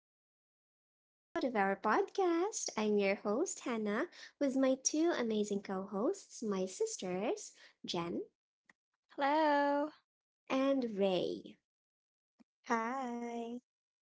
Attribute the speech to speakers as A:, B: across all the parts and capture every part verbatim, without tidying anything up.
A: back to another episode of our podcast. I'm your host, Hannah, with my two amazing co hosts, my sisters, Jen
B: Hello.
A: and Ray.
C: Hi.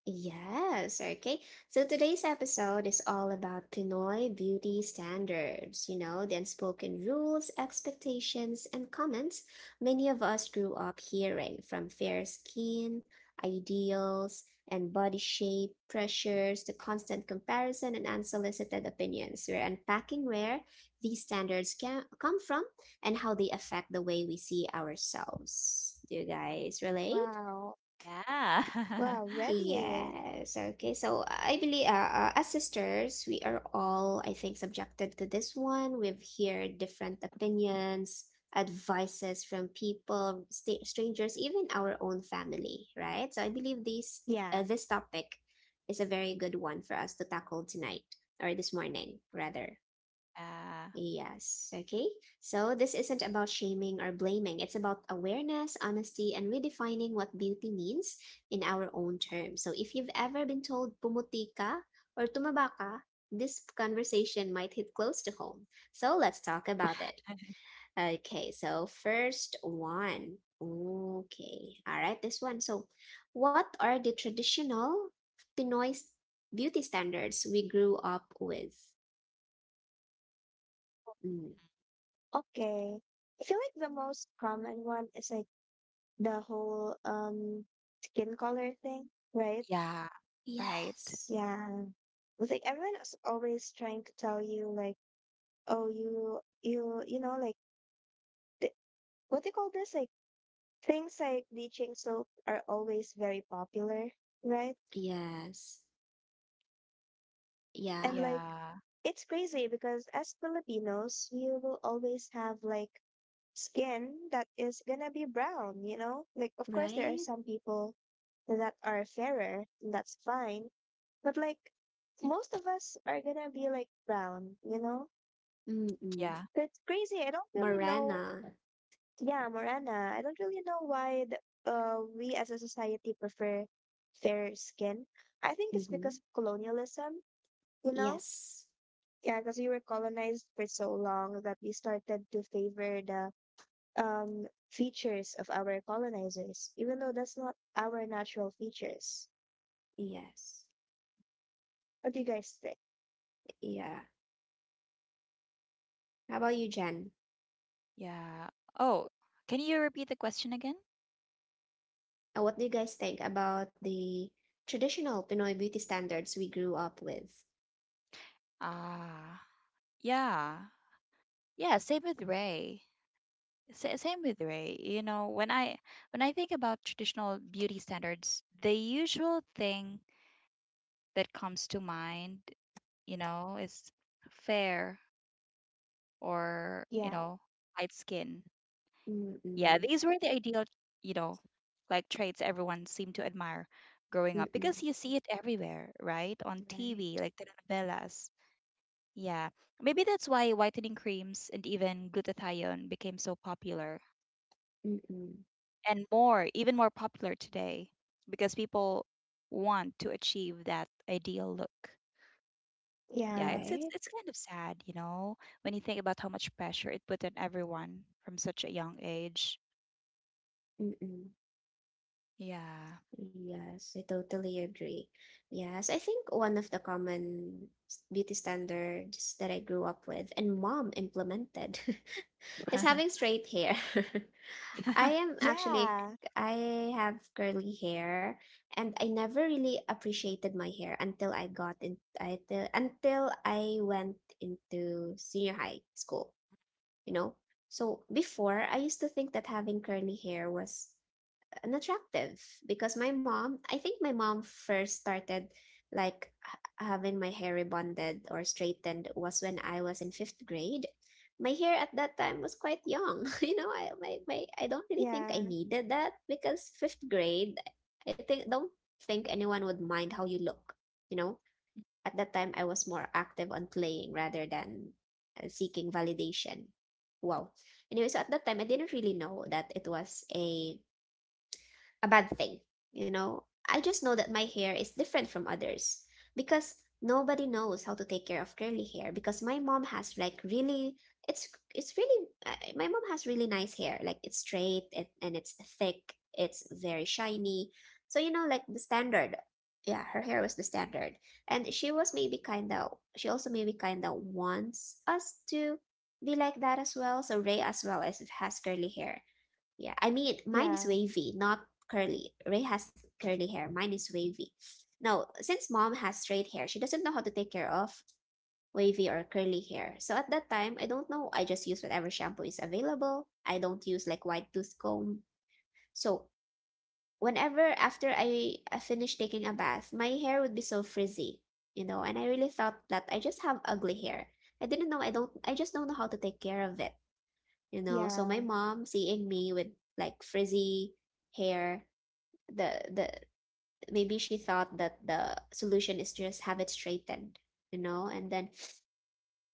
A: Yes, okay. So today's episode is all about Pinoy beauty standards, you know, the unspoken rules, expectations, and comments many of us grew up hearing from fair skin, ideals, and body shape, pressures, to constant comparison and unsolicited opinions. We're unpacking where these standards can come from and how they affect the way we see ourselves. Do you guys relate?
C: Wow.
B: Yeah.
C: Wow, ready.
A: Yes, okay. So I believe, uh, uh, as sisters, we are all, I think, subjected to this one. We've heard different opinions, advices from people, st strangers, even our own family, right? So I believe these, uh,
C: Yeah.
A: this topic is a very good one for us to tackle tonight or this morning, rather.
B: Yeah.
A: Yes, okay. So this isn't about shaming or blaming. It's about awareness, honesty, and redefining what beauty means in our own terms. So if you've ever been told pumuti ka or tumaba ka, this conversation might hit close to home. So let's talk about it. Okay, so first one. Okay, all right, this one. So, what are the traditional Pinoy s- beauty standards we grew up with? Mm,
C: Okay. I feel like the most common one is like the whole um skin color thing, right?
B: Yeah. Right.
A: Yes.
C: Yeah. It's like everyone is always trying to tell you like, oh, you you you know like th what do you call this? Like things like bleaching soap are always very popular, right?
A: Yes.
C: And
A: Yeah.
C: like,
B: Yeah.
C: it's crazy because as Filipinos, you will always have like skin that is gonna be brown, you know? Like, of course, there are
A: Right?
C: some people that are fairer, and that's fine. But like, most of us are gonna be like brown, you know?
A: Mm-mm.
B: Yeah.
C: So it's crazy. I don't really know.
A: Morena.
C: Yeah, Morana. I don't really know why the, uh, we as a society prefer fair skin. I think it's because
A: Mm-hmm.
C: of colonialism, you know?
A: Yes.
C: Yeah, because we were colonized for so long that we started to favor the um, features of our colonizers, even though that's not our natural features.
A: Yes.
C: What do you guys think?
A: Yeah. How about you, Jen?
B: Yeah. Oh, can you repeat the question again?
A: Uh, What do you guys think about the traditional Pinoy beauty standards we grew up with?
B: Ah, yeah. Yeah, same with Ray. Sa- Same with Ray. You know, when I when I think about traditional beauty standards, the usual thing that comes to mind, you know, is fair or, you
C: Yeah,
B: know, light skin. Yeah,
A: Mm-mm.
B: these were the ideal, you know, like traits everyone seemed to admire growing up
A: Mm-mm.
B: because you see it everywhere, right? On
A: Right.
B: T V, like telenovelas. Yeah, maybe that's why whitening creams and even glutathione became so popular
A: Mm-mm.
B: and more, even more popular today because people want to achieve that ideal look. Yeah,
C: yeah,
B: it's it's
A: Right?
B: it's kind of sad, you know, when you think about how much pressure it put on everyone from such a young age.
A: Mm-mm.
B: Yeah.
A: Yes, I totally agree. Yes, I think one of the common s- beauty standards that I grew up with and mom implemented is having straight hair. I am actually,
C: yeah,
A: c- I have curly hair and I never really appreciated my hair until I got in, I, till- until I went into senior high school, you know? So before, I used to think that having curly hair was and attractive because my mom, I think my mom first started like h- having my hair rebonded or straightened was when I was in fifth grade. My hair at that time was quite young. You know, I my, my I don't really think I
C: yeah,
A: needed that because fifth grade, I think don't think anyone would mind how you look. You know, at that time I was more active on playing rather than uh, seeking validation. Wow. Anyway, so at that time I didn't really know that it was a a bad thing, you know. I just know that my hair is different from others because nobody knows how to take care of curly hair because my mom has like really it's it's really uh, my mom has really nice hair, like it's straight and, and it's thick, it's very shiny, so you know, like the standard, yeah, her hair was the standard. And she was maybe kind of she also maybe kind of wants us to be like that as well. So Ray as well as has curly hair. Yeah, I mean mine is
C: yeah,
A: wavy, not curly. Ray has curly hair. Mine is wavy. Now, since mom has straight hair, she doesn't know how to take care of wavy or curly hair. So at that time, I don't know, I just use whatever shampoo is available. I don't use like white tooth comb. So whenever after I, I finish taking a bath, my hair would be so frizzy, you know, and I really thought that I just have ugly hair. I didn't know I don't I just don't know how to take care of it, you know. So my
C: yeah,
A: mom, seeing me with like frizzy hair, the the maybe she thought that the solution is just have it straightened, you know. And then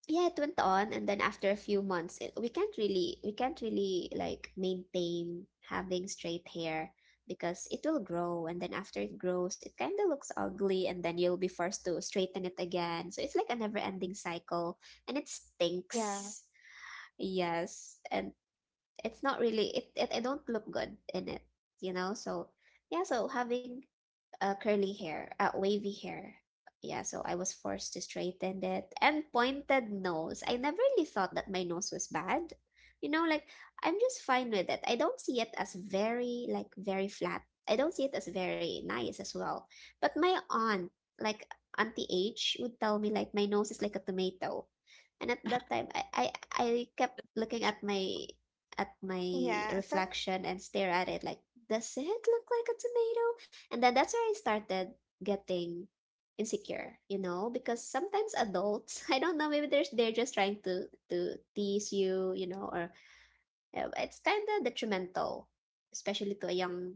A: yeah, it went on, and then after a few months, it, we can't really, we can't really like maintain having straight hair, because it will grow, and then after it grows it kind of looks ugly, and then you'll be forced to straighten it again. So it's like a never ending cycle, and it stinks. Yes, and it's not really it, it, I don't look good in it, you know. So yeah, so having uh, curly hair, uh, wavy hair. Yeah, so I was forced to straighten it. And pointed nose. I never really thought that my nose was bad. You know, like I'm just fine with it. I don't see it as very like very flat. I don't see it as very nice as well. But my aunt, like Auntie H, would tell me like my nose is like a tomato. And at that time, I I, I kept looking at my at my
C: yeah,
A: reflection and stare at it like, does it look like a tomato? And then that's where I started getting insecure, you know, because sometimes adults, I don't know, maybe they're they're just trying to to tease you, you know. Or uh, it's kind of detrimental, especially to a young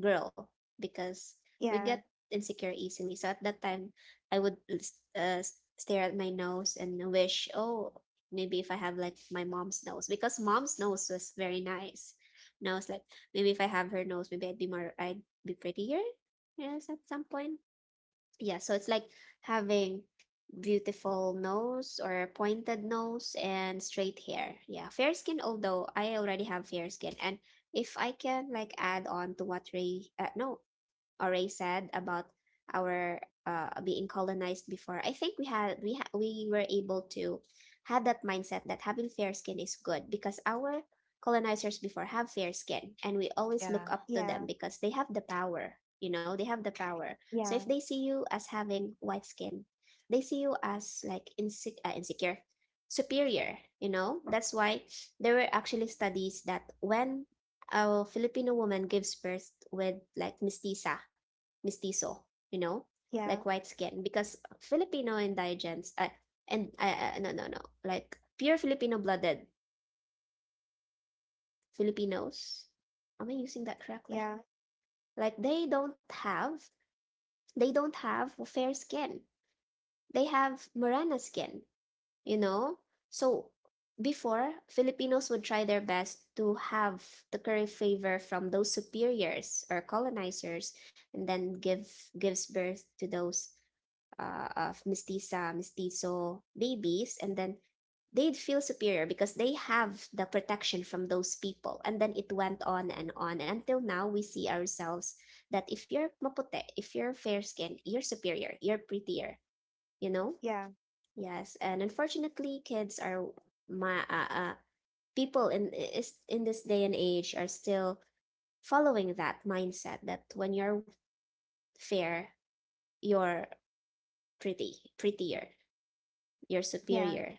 A: grow, because we get
C: yeah,
A: insecure easily. So at that time, I would uh, stare at my nose and wish, oh, maybe if I have like my mom's nose, because mom's nose was very nice. And I was like, maybe if I have her nose, maybe I'd be more, I'd be prettier. Yes, at some point, yeah, so it's like having beautiful nose or pointed nose and straight hair, yeah, fair skin, although I already have fair skin. And if I can like add on to what ray uh, no uh, Ray said about our uh being colonized before, I think we had we ha- we were able to had that mindset that having fair skin is good, because our colonizers before have fair skin, and we always look
B: Yeah.
A: up
C: yeah,
A: to them
C: yeah,
A: because they have the power, you know, they have the power so if
C: yeah,
A: they see you as having white skin, they see you as like inse- uh, insecure, superior, you know? That's why there were actually studies that when a Filipino woman gives birth with like mestiza, mestizo, you know, like
C: yeah,
A: white skin, because Filipino indigents, uh, and uh, uh, no, no, no, like pure Filipino blooded Filipinos, am I using that correctly?
C: yeah,
A: Like they don't have, they don't have fair skin, they have Morena skin, you know? So before, Filipinos would try their best to have the curry favor from those superiors or colonizers, and then give gives birth to those uh, of mestiza, mestizo babies, and then they'd feel superior because they have the protection from those people. And then it went on and on, and until now we see ourselves that if you're maputi, if you're fair skinned, you're superior, you're prettier, you know.
C: yeah,
A: Yes, and unfortunately, kids are my uh, uh, people in is in this day and age are still following that mindset that when you're fair, you're pretty, prettier, you're
C: yeah,
A: superior.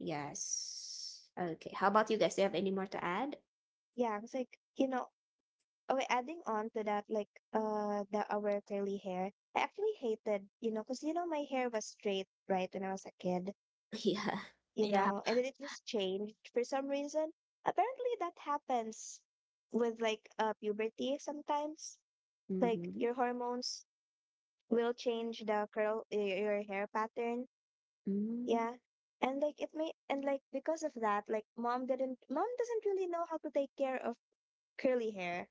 A: Yes. Okay. How about you guys? Do you have any more to add?
C: yeah. It's like, you know, okay, adding on to that, like uh the our curly hair, I actually hated, you know, because you know my hair was straight, right, when I was a kid,
A: Yeah.
C: you
B: Yeah.
C: know, and then it just changed for some reason. Apparently that happens with like uh puberty sometimes. Like
A: Mm-hmm.
C: your hormones will change the curl y- your hair pattern.
A: Mm-hmm.
C: Yeah. And like it may and like because of that, like mom didn't mom doesn't really know how to take care of curly hair.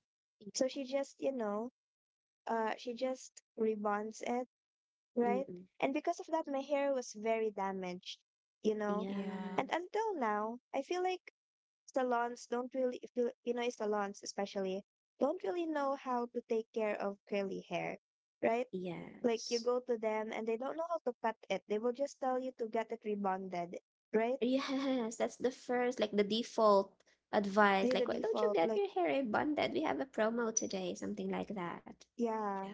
C: So she just, you know, uh she just rebonds it, right?
A: Mm-mm.
C: And because of that my hair was very damaged, you know.
B: Yeah.
C: And
A: Yes.
C: until now, I feel like salons don't really feel Pinoy salons especially don't really know how to take care of curly hair, right? Like you
A: Yes.
C: go to them and they don't know how to cut it. They will just tell you to get it rebonded, right?
A: Yes, that's the first, like the default advice.
C: They're the
A: Like, why don't you
C: default.
A: get
C: Like,
A: your hair rebonded? We have a promo today, something like that.
B: Yeah.
C: yeah.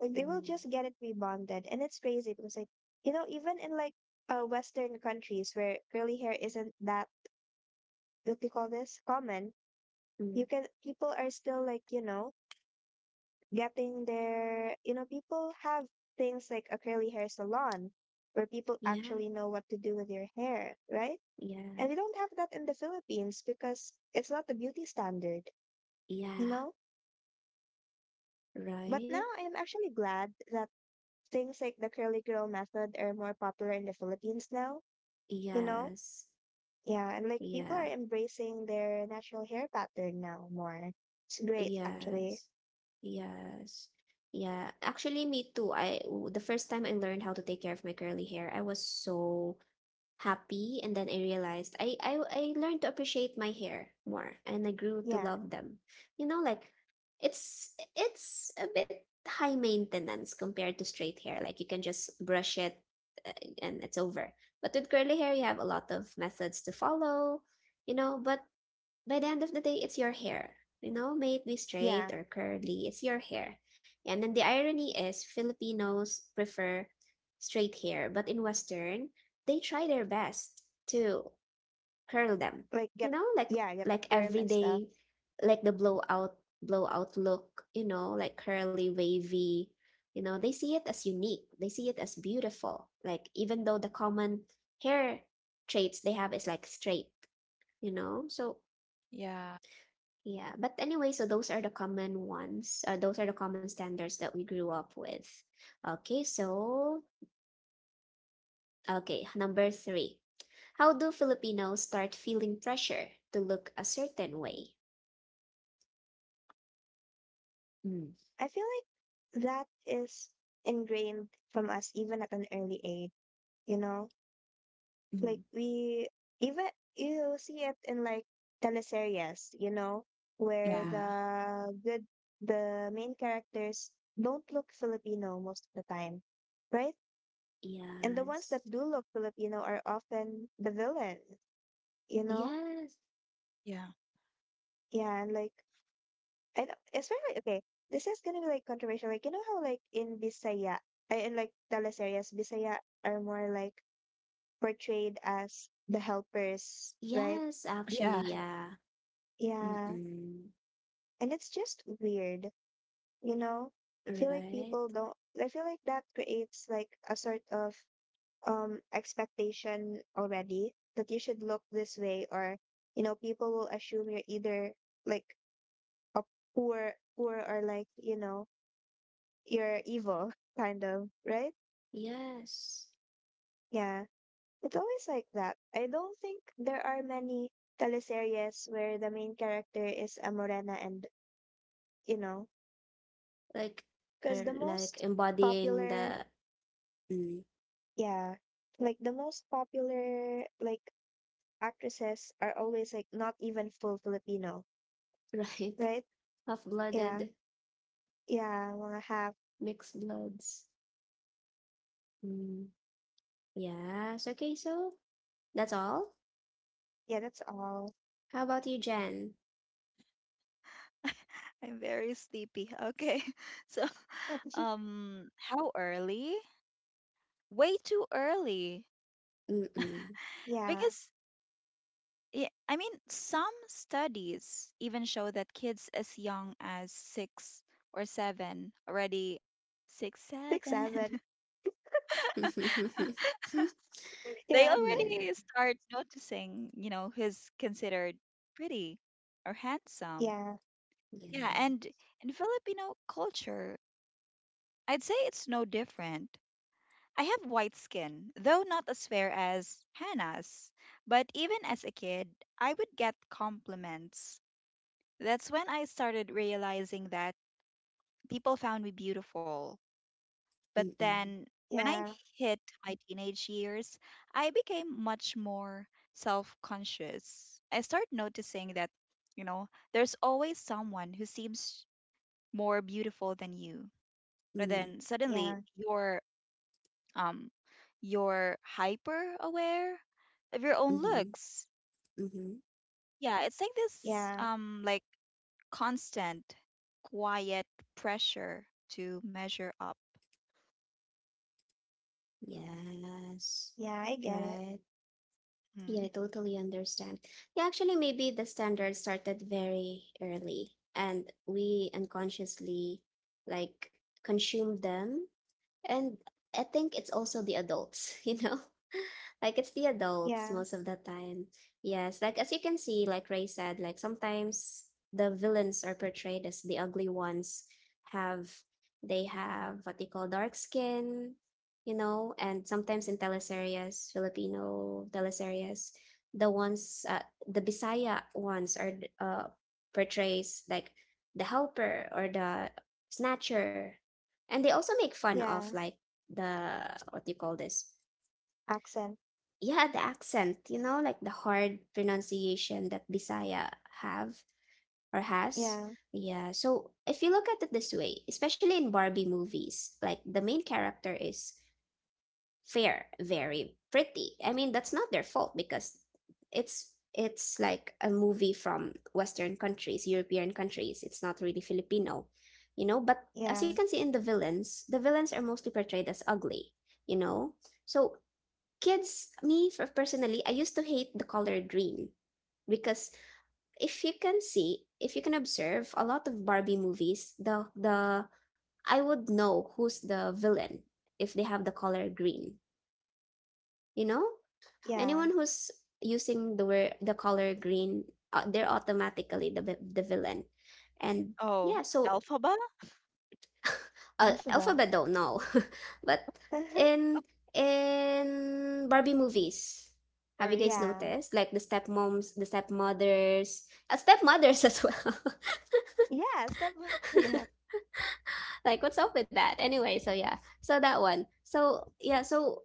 C: Like they will
A: Mm.
C: just get it rebonded. And it's crazy because like, you know, even in like uh Western countries where curly hair isn't that what do you call this common,
A: Mm.
C: you can people are still like, you know, getting their you know, people have things like a curly hair salon where people
A: Yeah,
C: actually know what to do with your hair, right?
A: yeah,
C: And we don't have that in the Philippines because it's not the beauty standard, you
A: yeah,
C: know? But
A: right?
C: now I am actually glad that things like the curly girl method are more popular in the Philippines now. You know?
A: Yes,
C: Yeah, and like people
A: yeah,
C: are embracing their natural hair pattern now more. It's great actually.
A: yes, yes, yeah. Actually, me too. I w- the first time I learned how to take care of my curly hair, I was so happy, and then I realized, I, I I learned to appreciate my hair more and I grew to
C: Yeah.
A: love them, you know. Like it's it's a bit high maintenance compared to straight hair, like you can just brush it, uh, and it's over. But with curly hair you have a lot of methods to follow, you know. But by the end of the day, it's your hair. You know, may it be
C: Yeah.
A: straight or curly, it's your hair. And then the irony is Filipinos prefer straight hair, but in Western, they try their best to curl them.
C: Like
A: You
C: get
A: know, like
C: Yeah, get a
A: like
C: perm and stuff.
A: everyday, like the blowout blowout look, you know, like curly, wavy. You know, they see it as unique. They see it as beautiful. Like even though the common hair traits they have is like straight, you know. So yeah, but anyway, so those are the common ones. Uh, those are the common standards that we grew up with. Okay, so, okay, number three. How do Filipinos start feeling pressure to look a certain way? Mm,
C: I feel like that is ingrained from us even at an early age, you know? Like
A: Mm,
C: we even you see it in like teleseries, you know, where
A: mm-mm,
B: Yeah.
C: the good the main characters don't look Filipino most of the time, right? And the ones
A: yes.
C: that do look Filipino are often the villain, you know?
A: Yes.
B: Yeah.
C: Yeah, and like, I don't, especially, okay, this is gonna be like controversial. Like, you know how, like, in Bisaya, I, in like teleseries, Bisaya are more like portrayed as the helpers, right?
A: Yes, actually,
B: Yeah.
A: yeah.
C: Yeah.
A: Mm-mm.
C: And it's just weird, you know? I feel like
A: Right.
C: people don't, I feel like that creates like a sort of um expectation already that you should look this way, or you know people will assume you're either like a poor poor, or like you know you're evil, kind of, right?
A: Yes.
C: Yeah, it's always like that. I don't think there are many teleseries where the main character is a morena, and you know,
A: Like,
C: because the
A: er, like
C: most
A: embodying
C: popular
A: the Mm.
C: yeah, like the most popular like actresses are always like not even full Filipino,
A: right
C: right? Yeah.
A: half-blooded
C: Yeah, wanna have.
A: mixed bloods. Mm, yes. Okay, so that's all.
C: Yeah, that's all.
A: How about you, Jen?
B: I'm very sleepy. Okay. So, um, how early? Way too early.
A: Mm-mm.
C: Yeah,
B: Because, yeah, I mean, some studies even show that kids as young as six or seven already, six,
C: six,
B: seven,
C: seven.
B: they
C: Yeah,
A: Yeah,
B: already start noticing, you know, who's considered pretty or handsome.
C: yeah,
B: Yeah,
A: yeah.
B: and in Filipino culture, I'd say it's no different. I have white skin, though not as fair as Hannah's. But even as a kid, I would get compliments. That's when I started realizing that people found me beautiful. But
A: Mm-mm.
B: then when I
C: yeah,
B: hit my teenage years, I became much more self conscious. I started noticing that, you know, there's always someone who seems more beautiful than you, but
A: Mm,
B: then suddenly
C: yeah,
B: you're, um you're hyper aware of your own
A: mm-hmm,
B: looks.
A: mm-hmm.
B: Yeah, it's like this,
C: yeah,
B: um like constant quiet pressure to measure up.
A: Yes.
C: yeah, I get it.
A: Right. Yeah, I
B: Mm.
A: totally understand. Yeah, actually, maybe the standard started very early and we unconsciously like consumed them. And I think it's also the adults, you know? Like it's the adults
C: Yeah,
A: most of the time. Yes, like as you can see, like Ray said, like sometimes the villains are portrayed as the ugly ones have they have what they call dark skin, you know, and sometimes in teleseries, Filipino teleseries, the ones uh, the Bisaya ones are uh portrays like the helper or the snatcher, and they also make fun of
C: yeah,
A: like the, what do you call this,
C: accent.
A: yeah, the accent, you know, like the hard pronunciation that bisaya have or has.
C: Yeah,
A: Yeah, so if you look at it this way, especially in Barbie movies, like the main character is fair, very pretty. I mean, that's not their fault because it's it's like a movie from Western countries, European countries. It's not really Filipino, you know, but as you
C: yeah,
A: can see in the villains, the villains are mostly portrayed as ugly, you know. So kids, me for personally, I used to hate the color green because if you can see, if you can observe a lot of Barbie movies, the the I would know who's the villain if they have the color green, you know.
C: yeah,
A: Anyone who's using the word the color green, uh, they're automatically the vi- the villain, and
B: Oh,
A: yeah. So,
B: alphaba
A: uh,
C: alphabet.
A: Alphabet don't know, but in in Barbie movies, have
B: or
A: you guys
B: you.
C: Yeah,
A: noticed like the stepmoms, the stepmothers, uh, stepmothers as well?
C: yeah, stop. Yeah,
A: Like, what's up with that? Anyway, so yeah, so that one. So yeah, so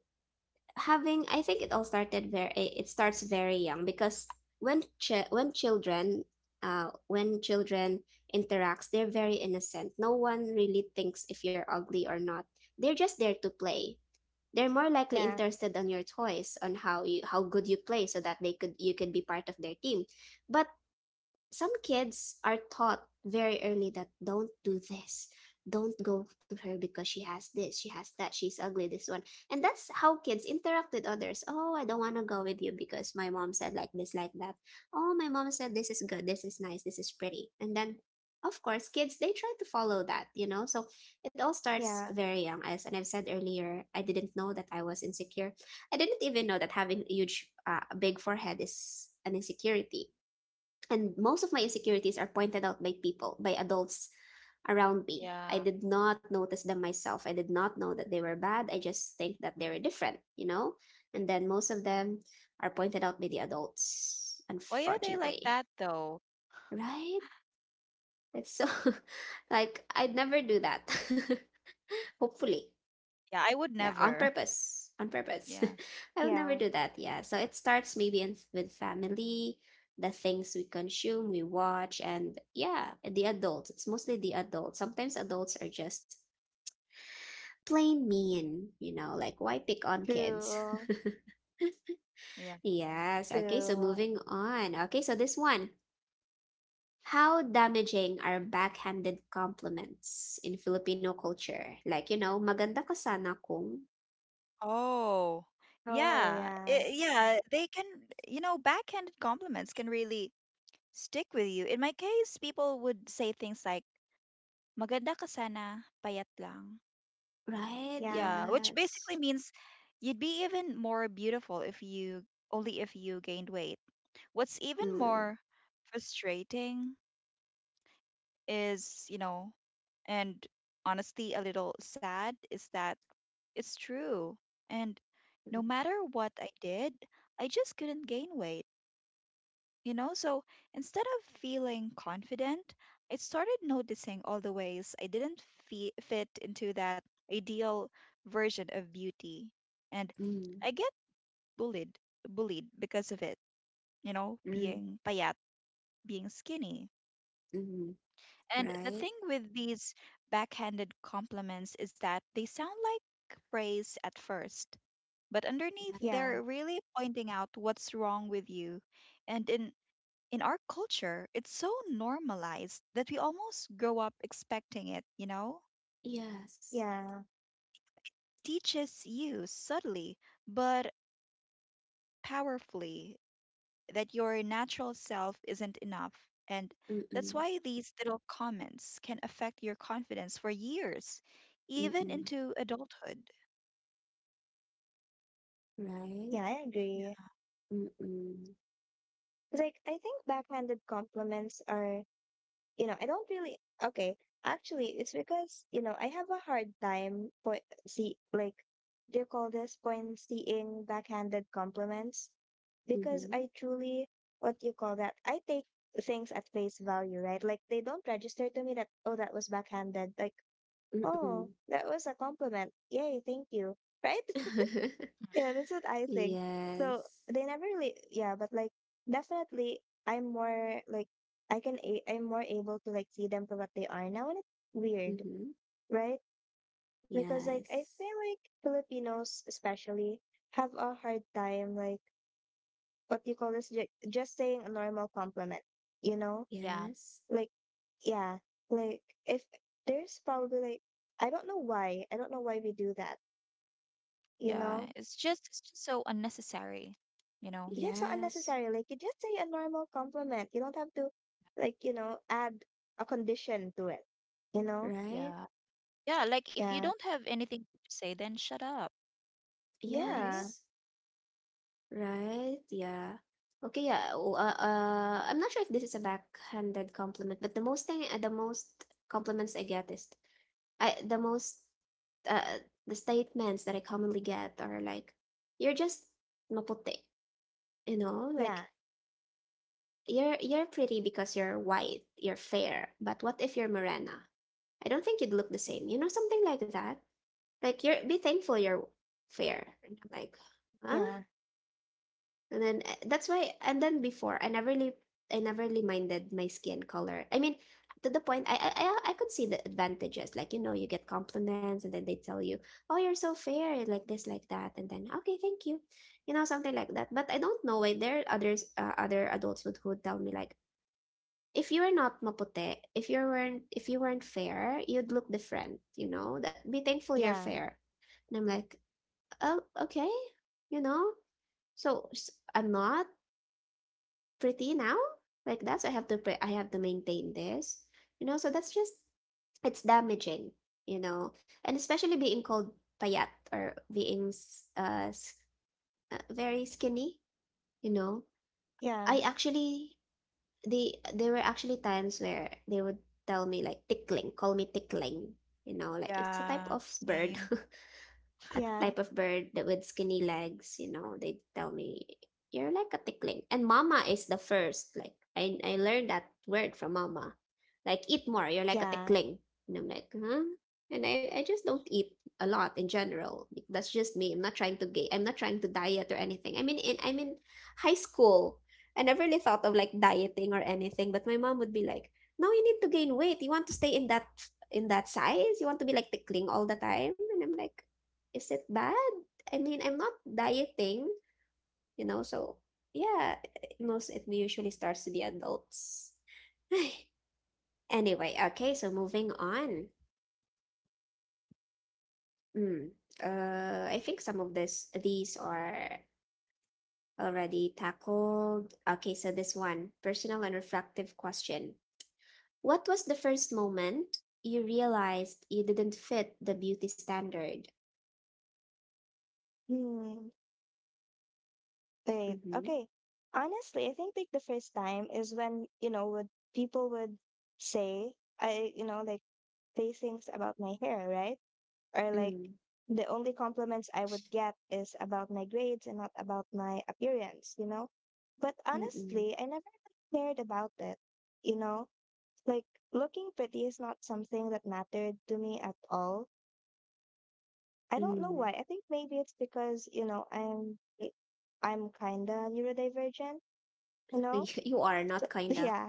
A: having, I think it all started very, it starts very young because when ch when children, uh when children interacts, they're very innocent. No one really thinks if you're ugly or not. They're just there to play. They're more likely
C: yeah,
A: interested on your toys, on how you, how good you play so that they could, you could be part of their team. But some kids are taught very early that don't do this, don't go to her because she has this, she has that, she's ugly, this one. And that's how kids interact with others. Oh, I don't want to go with you because my mom said like this, like that. Oh, my mom said this is good, this is nice, this is pretty. And then of course kids, they try to follow that, you know. So it all starts
C: yeah,
A: very young, as and I've said earlier, I didn't know that I was insecure. I didn't even know that having a huge, uh, big forehead is an insecurity, and most of my insecurities are pointed out by people, by adults around me. I
B: Yeah.
A: did not notice them myself. I did not know that they were bad. I just think that they were different, you know? And then most of them are pointed out by the adults,
B: Why are they like
A: unfortunately.
B: that though?
A: Right? It's so like I'd never do that. Hopefully.
B: Yeah, I would
A: Yeah, on
B: never.
A: purpose. On purpose.
B: Yeah.
A: I would never
C: yeah,
A: do that. Yeah. So it starts maybe in, with family, the things we consume, we watch, and yeah, the adults. It's mostly the adults. Sometimes adults are just plain mean, you know, like why pick on kids?
C: true,
B: Yeah.
A: Yes. Okay. So
C: true.
A: moving on. Okay. So this one. How damaging are backhanded compliments in Filipino culture? Like, you know, maganda ka sana kung,
B: Oh
C: Oh,
B: yeah,
C: yeah,
B: it, yeah they can, you know, backhanded compliments can really stick with you. In my case, people would say things like, maganda ka sana, payat lang.
A: right?
C: yeah,
B: Yeah, which basically
A: Yes.
B: means you'd be even more beautiful if you only if you gained weight. What's even
A: Mm,
B: more frustrating is, you know, and honestly a little sad is that it's true. And no
A: mm,
B: matter what I did, I just couldn't gain weight. You know, so instead of feeling confident, I started noticing all the ways I didn't fe fit into that ideal version of beauty. And I get bullied, bullied because of it, you know,
A: mm,
B: being payat, being skinny.
A: mm,
B: And the thing
A: right,
B: with these backhanded compliments is that they sound like praise at first, but underneath,
A: right,
C: yeah,
B: they're really pointing out what's wrong with you. And in in our culture, it's so normalized that we almost grow up expecting it, you know?
A: yes,
C: yeah,
B: Teaches you subtly but powerfully that your natural self isn't enough. And that's
A: mm-mm,
B: why these little comments can affect your confidence for years, even
A: mm-mm,
B: into adulthood.
A: right,
C: yeah, I
B: Yeah.
C: agree.
A: mm-mm,
C: Like, I think backhanded compliments are, you know, I don't really, okay. Actually, it's because, you know, I have a hard time point see like do you call this point seeing backhanded compliments? Because
A: mm-hmm,
C: I truly, what do you call that? I take things at face value, right? Like they don't register to me that oh that was backhanded. Like,
A: mm-mm.
C: oh, that was a compliment. Yay, thank you. Right?
B: Mm.
C: Yeah, that's what I think. So
A: Yes,
C: they never really, yeah, but like definitely, I'm more like I can a I'm more able to like see them for what they are now, and it's weird,
A: mm-hmm,
C: right? Because like I
A: yes,
C: feel like Filipinos especially have a hard time like what you call this ju just saying a normal compliment, you know?
B: Yeah,
A: yes,
C: Like yeah, like if there's probably like, I don't know why I don't know why we do that, you
B: yeah.
C: know?
B: It's just it's just so unnecessary, you know?
C: Yeah, so
A: yes,
C: unnecessary. Like you just say a normal compliment. You don't have to like, you know, add a condition to it. You know?
A: right,
B: Yeah. Yeah, like if you
C: Yeah.
B: don't have anything to say, then shut up,
C: Yeah.
B: right?
A: yes, right, yeah. Okay, yeah, w- uh, uh, I'm not sure if this is a backhanded compliment, but the most thing, uh, the most compliments I get is, I the most, uh, the statements that I commonly get are like, "You're just maputi," you know, like
C: Yeah.
A: you're you're pretty because you're white, you're fair. But what if you're morena? I don't think you'd look the same, you know, something like that. Like you're, be thankful you're fair. And I'm like, huh?
C: Yeah.
A: And then eh, that's why, and then before I never really, I never really minded my skin color. I mean, to the point I I I I could see the advantages. Like, you know, you get compliments and then they tell you, "Oh, you're so fair," and like this, like that, and then, "Okay, thank you." You know, something like that. But I don't know why there are others, uh, other adults would who tell me like, "If you were not mapute, if you weren't, if you weren't fair, you'd look different, you know? That be thankful you're
C: Yeah.
A: fair." And I'm like, "Oh, okay." You know? So s- I'm not pretty now like that, so I have to pre- I have to maintain this, you know, so that's just, it's damaging, you know. And especially being called payat or being s- uh, s- uh very skinny, you know,
C: Yeah.
A: I actually, the there were actually times where they would tell me like tickling, call me tickling, you know, like it's a type
B: Yeah,
A: of bird.
B: same.
A: A
C: Yeah.
A: type of bird that with skinny legs, you know, they tell me you're like a tickling. And mama is the first. Like I I learned that word from mama. Like eat more, you're like a
C: Yeah.
A: tickling. And I'm like, huh? And I, I just don't eat a lot in general. Like, that's just me. I'm not trying to gain. I'm not trying to diet or anything. I mean in, I'm in high school. I never really thought of like dieting or anything, but my mom would be like, no, you need to gain weight. You want to stay in that, in that size? You want to be like tickling all the time? And I'm like, is it bad? I mean, I'm not dieting, you know, so yeah, most, it usually starts to be adults. Anyway, okay, so moving on. Mm, uh, I think some of this, these are already tackled. Okay, so this one, personal and reflective question. What was the first moment you realized you didn't fit the beauty standard?
C: Hmm. Wait.
A: Mm-hmm.
C: Okay. Honestly, I think like the first time is when, you know, would people would say I you know, like say things about my hair, right? Or like,
A: Mm,
C: the only compliments I would get is about my grades and not about my appearance, you know? But
A: mm-mm, mm,
C: honestly, I never really cared about it, you know? Like, looking pretty is not something that mattered to me at all. I don't
A: mm,
C: know
A: mm.
C: why. I think maybe it's because, you know, I'm I'm kind of neurodivergent, you know?
A: You are
C: So,
A: not kinda.
C: yeah.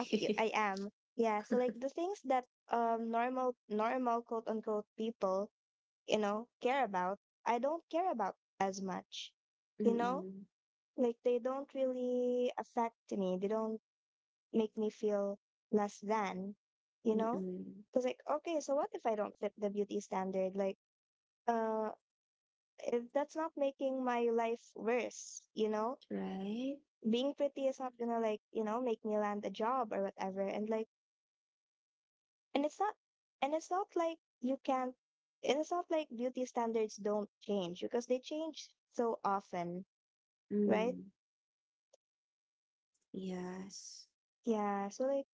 C: Okay, y- I am. Yeah, so like the things that um normal normal quote unquote people, you know, care about, I don't care about as much. You know,
A: Mm-mm.
C: like they don't really affect me. They don't make me feel less than, you know?
A: Mm-mm.
C: Because, like, okay, so what if I don't fit the beauty standard? Like, uh, if that's not making my life worse, you know?
A: Right?
C: Being pretty is not gonna, like, you know, make me land a job or whatever. And, like, and it's not, and it's not like you can't and it's not like beauty standards don't change, because they change so often. Right?
A: Mm. Yes.
C: Yeah. So like,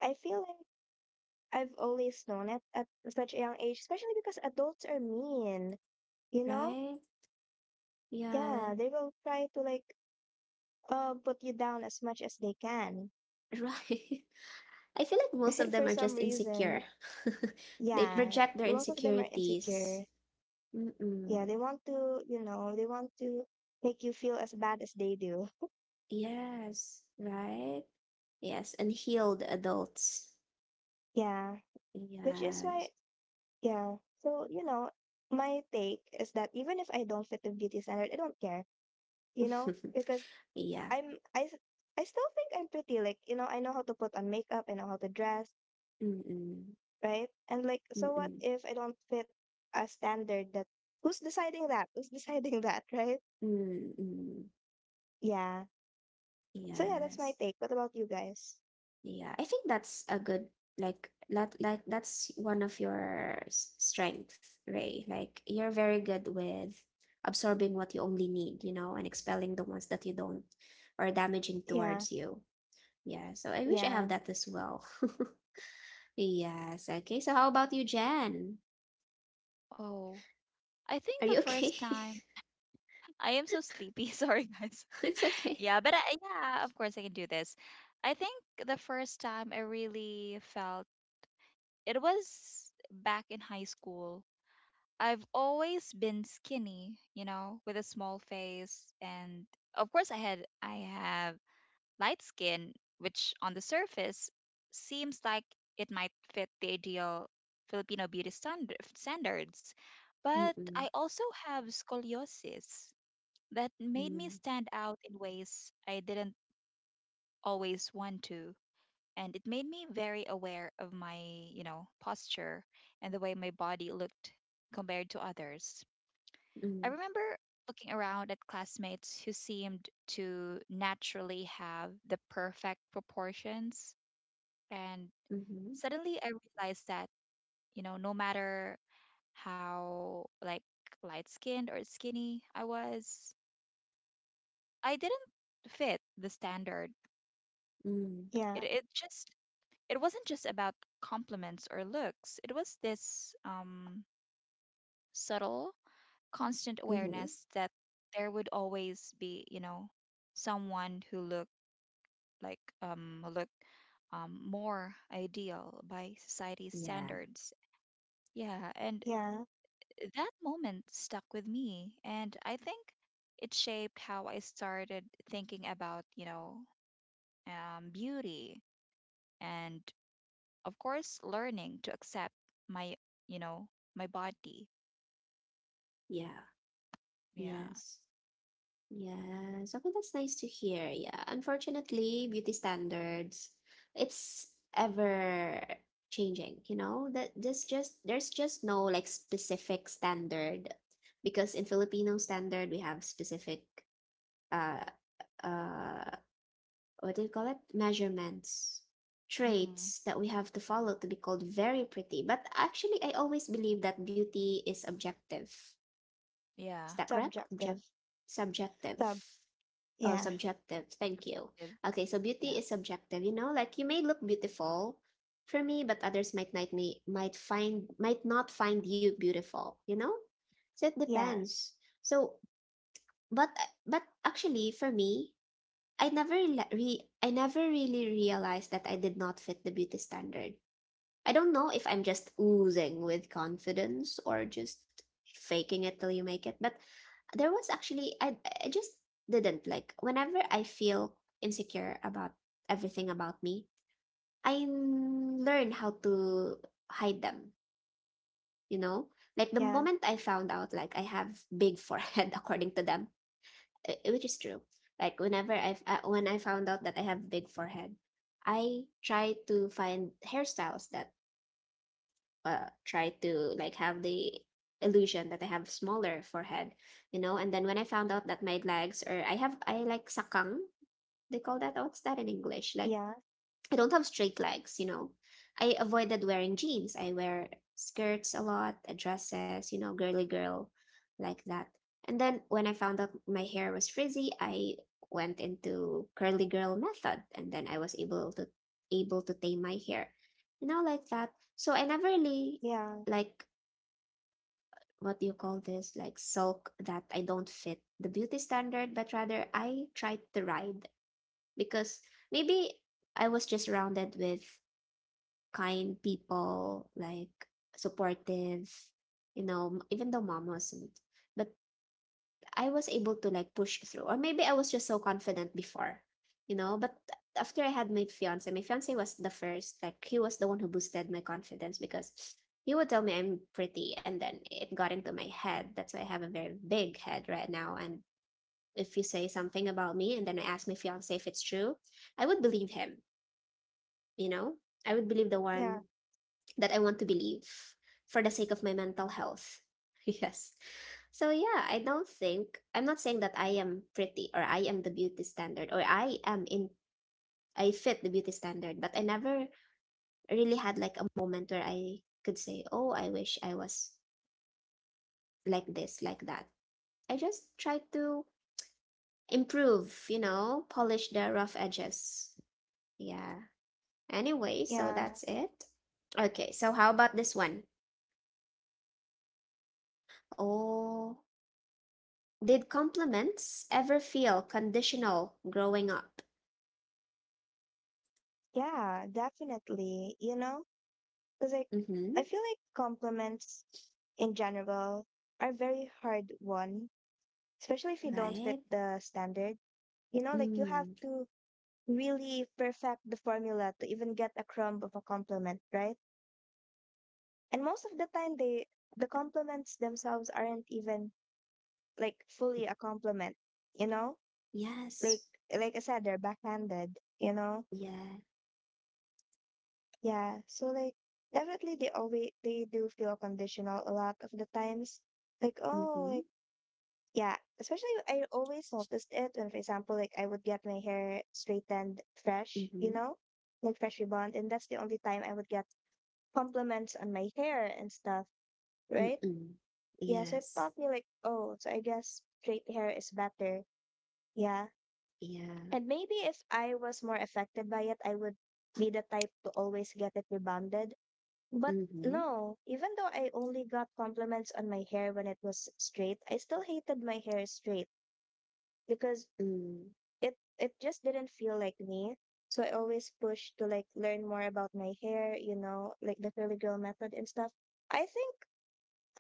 C: I feel like I've always known it at such a young age, especially because adults are mean, you know?
A: Right? Yeah.
C: Yeah, they will try to like uh put you down as much as they can,
A: Right. I feel like most of them
C: for
A: are
C: some
A: just insecure.
C: reason.
A: They
C: Yeah.
A: project their
C: Most of them are
A: insecurities.
C: insecure. Yeah,
A: Mm-mm.
C: they want to, you know, they want to make you feel as bad as they do.
A: Yes. Right? Yes. Unhealed adults.
C: Yeah. Which is why
A: Yes.
C: yeah. So, you know, my take is that even if I don't fit the beauty standard, I don't care, you know, because
A: Yeah.
C: I'm I, s- I still think I'm pretty. Like, you know, I know how to put on makeup, I know how to dress,
A: Mm-mm.
C: right? And like, so what
A: Mm-mm.
C: if I don't fit a standard, that who's deciding that who's deciding that, right?
A: Mm-mm.
C: Yeah. So yeah, that's my
A: Yes.
C: take. What about you guys?
A: Yeah, I think that's a good, like that, like that's one of your s- strength, Ray. Like you're very good with absorbing what you only need, you know, and expelling the ones that you don't, or damaging
C: Yeah,
A: towards you. Yeah, so I wish I have
C: yeah,
A: that as well. Yes, okay. So how about you, Jen?
B: Oh, I think
A: Are
B: the
A: you
B: first
A: okay?
B: time I am so sleepy. Sorry, guys.
A: It's okay.
B: Yeah, but I, yeah, of course I can do this. I think the first time I really felt it was back in high school. I've always been skinny, you know, with a small face, and of course I had I have light skin, which on the surface seems like it might fit the ideal Filipino beauty standard, standards. But
A: Mm-mm,
B: I also have scoliosis that made me
A: mm,
B: stand out in ways I didn't always want to. And it made me very aware of my, you know, posture and the way my body looked compared to others. I
A: mm,
B: remember looking around at classmates who seemed to naturally have the perfect proportions, and
A: mm-hmm,
B: suddenly I realized that, you know, no matter how like light skinned or skinny I was, I didn't fit the standard.
A: mm,
B: it,
C: yeah,
B: it just, it wasn't just about compliments or looks. It was this, um subtle constant
A: mm-hmm.
B: awareness that there would always be, you know, someone who looked like, um who looked um more ideal by society's
A: Yeah,
B: standards. Yeah, and
C: yeah,
B: that moment stuck with me, and I think it shaped how I started thinking about, you know, um, beauty and, of course, learning to accept my, you know, my body.
A: yeah,
B: Yeah.
A: yes. Yes. Okay, that's nice to hear. Yeah. Unfortunately, beauty standards, it's ever changing, you know? That this just, there's just no like specific standard because in Filipino standard we have specific uh uh what do you call it? Measurements,
B: Hmm.
A: traits that we have to follow to be called very pretty. But actually I always believe that beauty is objective,
B: Yeah.
A: is that correct?
C: subjective.
A: Object,
C: Sub
A: subjective. Oh,
C: Yeah,
A: subjective. Thank you.
B: Subjective.
A: Okay, so
B: Yeah.
A: beauty is subjective. You know, like you may look beautiful for me, but others might not, me might find, might not find you beautiful. You know, so it
C: yeah,
A: depends. So, but but actually, for me, I never re, I never really realized that I did not fit the beauty standard. I don't know if I'm just oozing with confidence or just faking it till you make it, but there was actually, I I just didn't, like whenever I feel insecure about everything about me, I learn how to hide them, you know? Like the
C: yeah,
A: moment I found out like I have big forehead according to them, uh, which is true. Like whenever I, uh, when I found out that I have big forehead, I try to find hairstyles that, uh, try to like have the illusion that I have smaller forehead, you know. And then when I found out that my legs, or I have, I like sakang, they call that. What's that in English? Like
C: yeah,
A: I don't have straight legs, you know. I avoided wearing jeans. I wear skirts a lot, uh, dresses, you know, girly girl like that. And then when I found out my hair was frizzy, I went into curly girl method, and then I was able to, able to tame my hair. You know, like that. So I never really,
C: yeah,
A: like what do you call this? Like sulk that I don't fit the beauty standard, but rather I tried to ride because maybe I was just surrounded with kind people, like supportive, you know, m- even though mom wasn't. But I was able to like push through. Or maybe I was just so confident before, you know. But after I had my fiance, my fiance was the first, like he was the one who boosted my confidence because he would tell me I'm pretty, and then it got into my head. That's why I have a very big head right now. And if you say something about me and then I ask my fiance if it's true, I would believe him, you know? I would believe the
C: yeah,
A: one that I want to believe for the sake of my mental health. Yes. So yeah, I don't think, I'm not saying that I am pretty or I am the beauty standard or I am in, I fit the beauty standard, but I never really had like a moment where I could say, "Oh, I wish I was like this, like that." I just try to improve, you know, polish the rough edges. Yeah. Anyway, so
C: yeah,
A: that's it. Okay, so how about this one? Oh, did compliments ever feel conditional growing up?
C: yeah, definitely, you know? Because like,
A: Mm-hmm.
C: I feel like compliments in general are very hard one, especially if you don't
A: Right?
C: fit the standard. You know, like you have
A: Mm.
C: to really perfect the formula to even get a crumb of a compliment, right? And most of the time they the compliments themselves aren't even like fully a compliment, you know?
A: Yes.
C: Like like I said, they're backhanded, you know?
A: Yeah.
C: Yeah. So like definitely they always they do feel conditional a lot of the times. Like, oh,
A: Mm-hmm.
C: like yeah, especially I always noticed it when, for example, like I would get my hair straightened fresh, you
A: Mm-hmm.
C: know, like fresh rebond, and that's the only time I would get compliments on my hair and stuff, right?
A: Mm-mm.
C: Yeah, so it
A: Yes.
C: taught me like, oh, so I guess straight hair is better. Yeah,
A: Yeah.
C: and maybe if I was more affected by it, I would be the type to always get it rebonded. But
A: Mm-hmm.
C: no, even though I only got compliments on my hair when it was straight, I still hated my hair straight, because
A: Mm.
C: it it just didn't feel like me. So I always pushed to like learn more about my hair, you know, like the filigree method and stuff. I think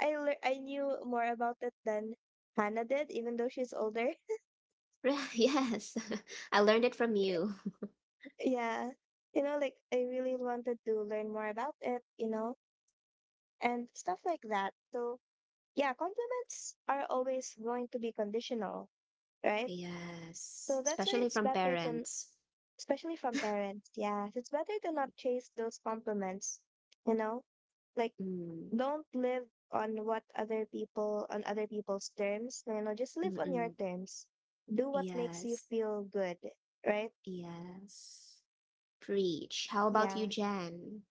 C: I lear I knew more about it than Hannah did, even though she's older.
A: Right. Yes. I learned it from you.
C: Yeah. You know, like I really wanted to learn more about it, you know, and stuff like that. So, yeah, compliments are always going to be conditional, right?
A: Yes.
C: So that's why
A: Especially
C: it's
A: from
C: better to, n-
A: parents.
C: especially from parents, yeah, it's better to not chase those compliments, you know? Like,
A: Mm.
C: don't live on what other people on other people's terms. No, no, just live on your
A: Mm-mm.
C: terms. Do what makes you
A: Yes.
C: feel good, right?
A: Yes. Preach. How about you,
C: Yeah.
A: Jan?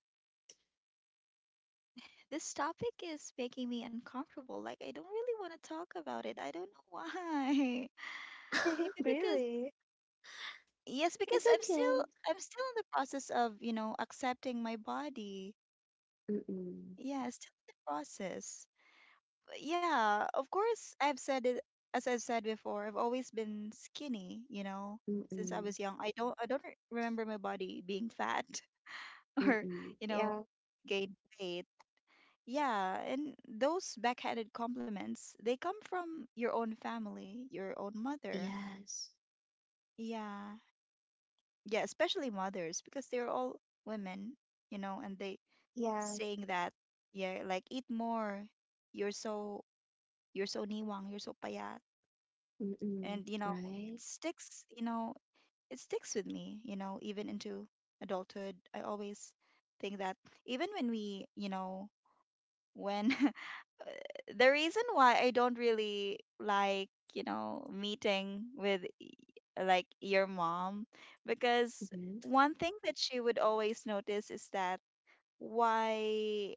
B: This topic is making me uncomfortable. Like, I don't really want to talk about it. I don't know why. Maybe because,
C: Really?
B: yes,
A: It's
B: because I'm
A: okay.
B: still, I'm still in the process of, you know, accepting my body.
A: Mm-mm.
B: Yeah, still in the process. But yeah, of course, I've said it as I've said before. I've always been skinny, you know, since I
A: Mm-mm.
B: was young. I don't, I don't re- remember my body being fat or,
A: Mm-mm.
B: you know,
C: Yeah.
B: gained weight. Yeah, and those backhanded compliments, they come from your own family, your own mother.
A: Yes.
B: Yeah, yeah, especially mothers because they're all women, you know, and they
C: Yeah.
B: saying that, yeah, like eat more. You're so you're so niwang, you're so payat, and
A: Mm-mm.
B: you know
A: Right?
B: it sticks. You know it sticks with me. You know even into adulthood, I always think that even when we, you know, when the reason why I don't really like, you know, meeting with y- like your mom because
A: Mm-hmm.
B: one thing that she would always notice is that why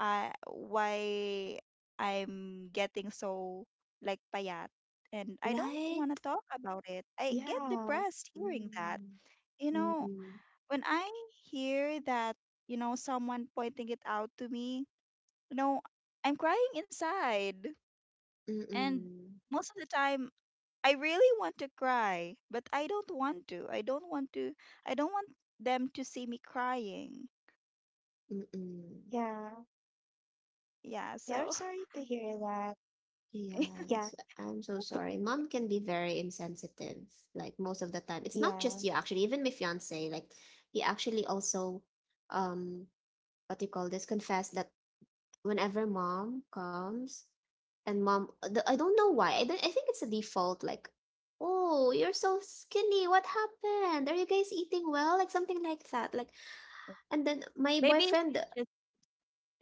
B: uh, why I'm getting so like payat and I don't want
A: Right?
B: to talk about it. I get
C: Yeah.
B: depressed hearing that.
A: Mm.
B: You know,
A: Mm-mm.
B: when I hear that, you know, someone pointing it out to me, you know, I'm crying inside. And
A: Mm-mm.
B: most of the time, I really want to cry, but I don't want to. I don't want to. I don't want them to see me crying.
A: Mm-mm.
C: Yeah.
B: Yeah,
C: Yeah. I'm
B: so.
C: sorry to hear that. Yeah.
A: Yes. I'm so sorry. Mom can be very insensitive, like most of the time. It's not
C: Yeah.
A: just you, actually. Even my fiance, like, he actually also, um, what do you call this, confessed that whenever mom comes, and mom the, I don't know why I, don't, I think it's a default like, oh, you're so skinny, what happened, are you guys eating well, like something like that, like, and then my
B: Maybe
A: boyfriend.
B: she's,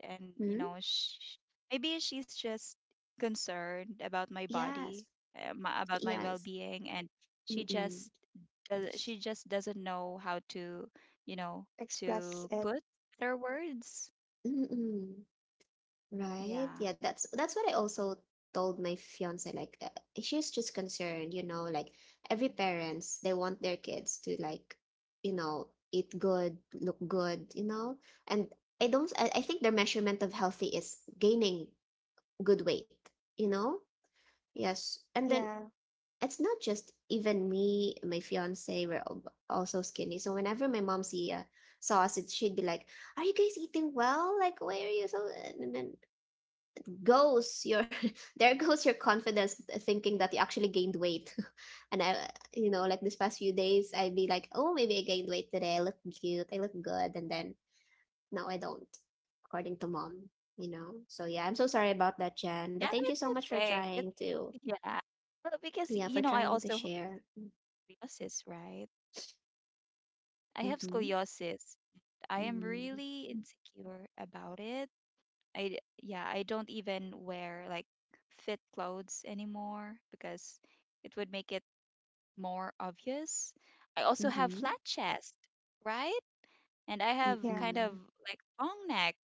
B: and you
A: Hmm?
B: know sh maybe she's just concerned about my
A: Yes.
B: body, uh, my, about my
A: Yes.
B: well-being, and she
A: Mm-mm.
B: just does, she just doesn't know how to, you know,
C: Express
B: to
C: it.
B: put better words.
A: Mm-mm. Right?
B: Yeah.
A: Yeah, that's that's what I also told my fiance. Like, uh, she's just concerned, you know, like every parents they want their kids to like, you know, eat good, look good, you know. And I don't. I, I think their measurement of healthy is gaining good weight, you know. Yes, and then
C: Yeah.
A: it's not just even me, my fiance. We're al- also skinny. So whenever my mom see uh, saw us, it she'd be like, "Are you guys eating well? Like, why are you so?" uh, And then goes your, there goes your confidence thinking that you actually gained weight, and I, you know, like this past few days I'd be like, oh, maybe I gained weight today, I look cute, I look good, and then no, I don't, according to mom, you know. So yeah, I'm so sorry about that, Jen, but
B: Yeah,
A: thank you
B: it's
A: so much for
B: okay. it's
A: trying to,
B: Yeah, well, because
A: yeah,
B: you
A: for
B: know I
A: trying to
B: also
A: share.
B: have scoliosis, right? I have
A: Mm-hmm.
B: scoliosis. I am
A: Mm-hmm.
B: really insecure about it. I d- yeah, I don't even wear like fit clothes anymore because it would make it more obvious. I also have
A: Mm-hmm.
B: flat chest, right? And I have
C: Yeah.
B: kind
A: Mm-hmm.
B: of like long neck.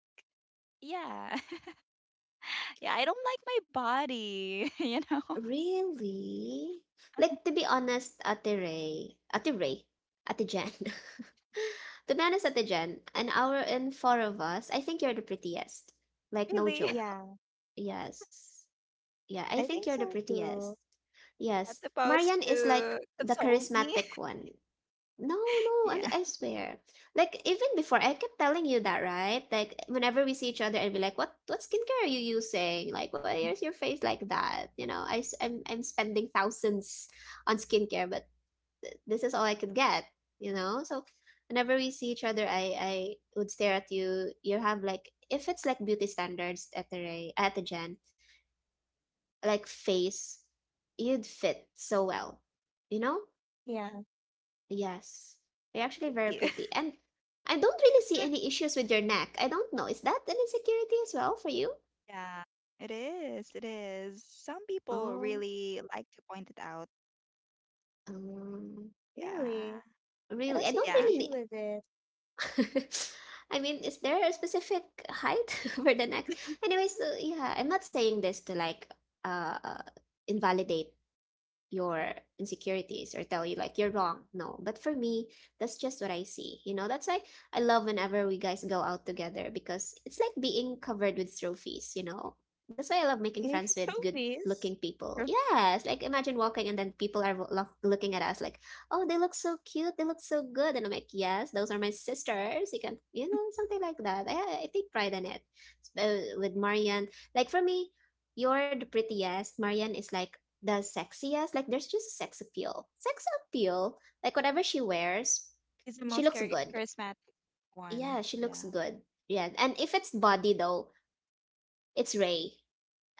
B: Yeah. Yeah, I don't like my body, you know.
A: Really? Like, to be honest, Ate Ray, Ate Ray, Ate Jen. To be honest, Ate Jen, an hour and four of us, I think you're the prettiest. Like, no
B: Really,
A: joke.
C: Yeah.
A: Yes. Yeah, I
C: I
A: think you're
C: think
A: the
C: so
A: prettiest.
C: too.
B: that's
A: Yes.
B: supposed
A: Marian is like
B: to
A: the
B: console me.
A: charismatic one. No, no, I,
B: Yeah.
A: I swear. Like even before, I kept telling you that, right? Like whenever we see each other, and be like, "What, what skincare are you using? Like, why is your face like that?" You know, I, am I'm I'm spending thousands on skincare, but this is all I could get. You know, so whenever we see each other, I, I would stare at you. You have like, if it's like beauty standards at the Ray, at the Jen, like face, you'd fit so well. You know,
C: Yeah.
A: yes, they're actually
B: Thank
A: very
B: you.
A: pretty. And I don't really see any issues with your neck. I don't know. Is that an insecurity as well for you?
B: Yeah, it is. It is. Some people
A: Oh,
B: really like to point it out.
A: um,
B: Yeah.
C: Really? I
A: really?
C: don't
A: I
C: see an
A: don't
B: Yeah.
C: issue
A: really
C: with it.
A: need. I mean, is there a specific height for the neck? Anyways, so yeah, I'm not saying this to like uh invalidate your insecurities or tell you like you're wrong. No, but for me, that's just what I see. You know, that's why I love whenever we guys go out together because it's like being covered with trophies, you know. That's why I love making friends with
C: No
A: good looking
C: peace.
A: people. Yes, like imagine walking and then people are wo- lo- looking at us like, "Oh, they look so cute. They look so good." And I'm like, "Yes, those are my sisters." You can, you know, something like that. I I take pride in it. S- uh, with Marian, like for me, you're the prettiest. Marian is like the sexiest. Like there's just sex appeal. Sex appeal. Like whatever she wears,
B: He's the
A: she
B: most
A: looks
B: chari-
A: good.
B: charismatic one.
A: Yeah, she looks
B: Yeah.
A: good. Yeah. And if it's body though, it's Ray.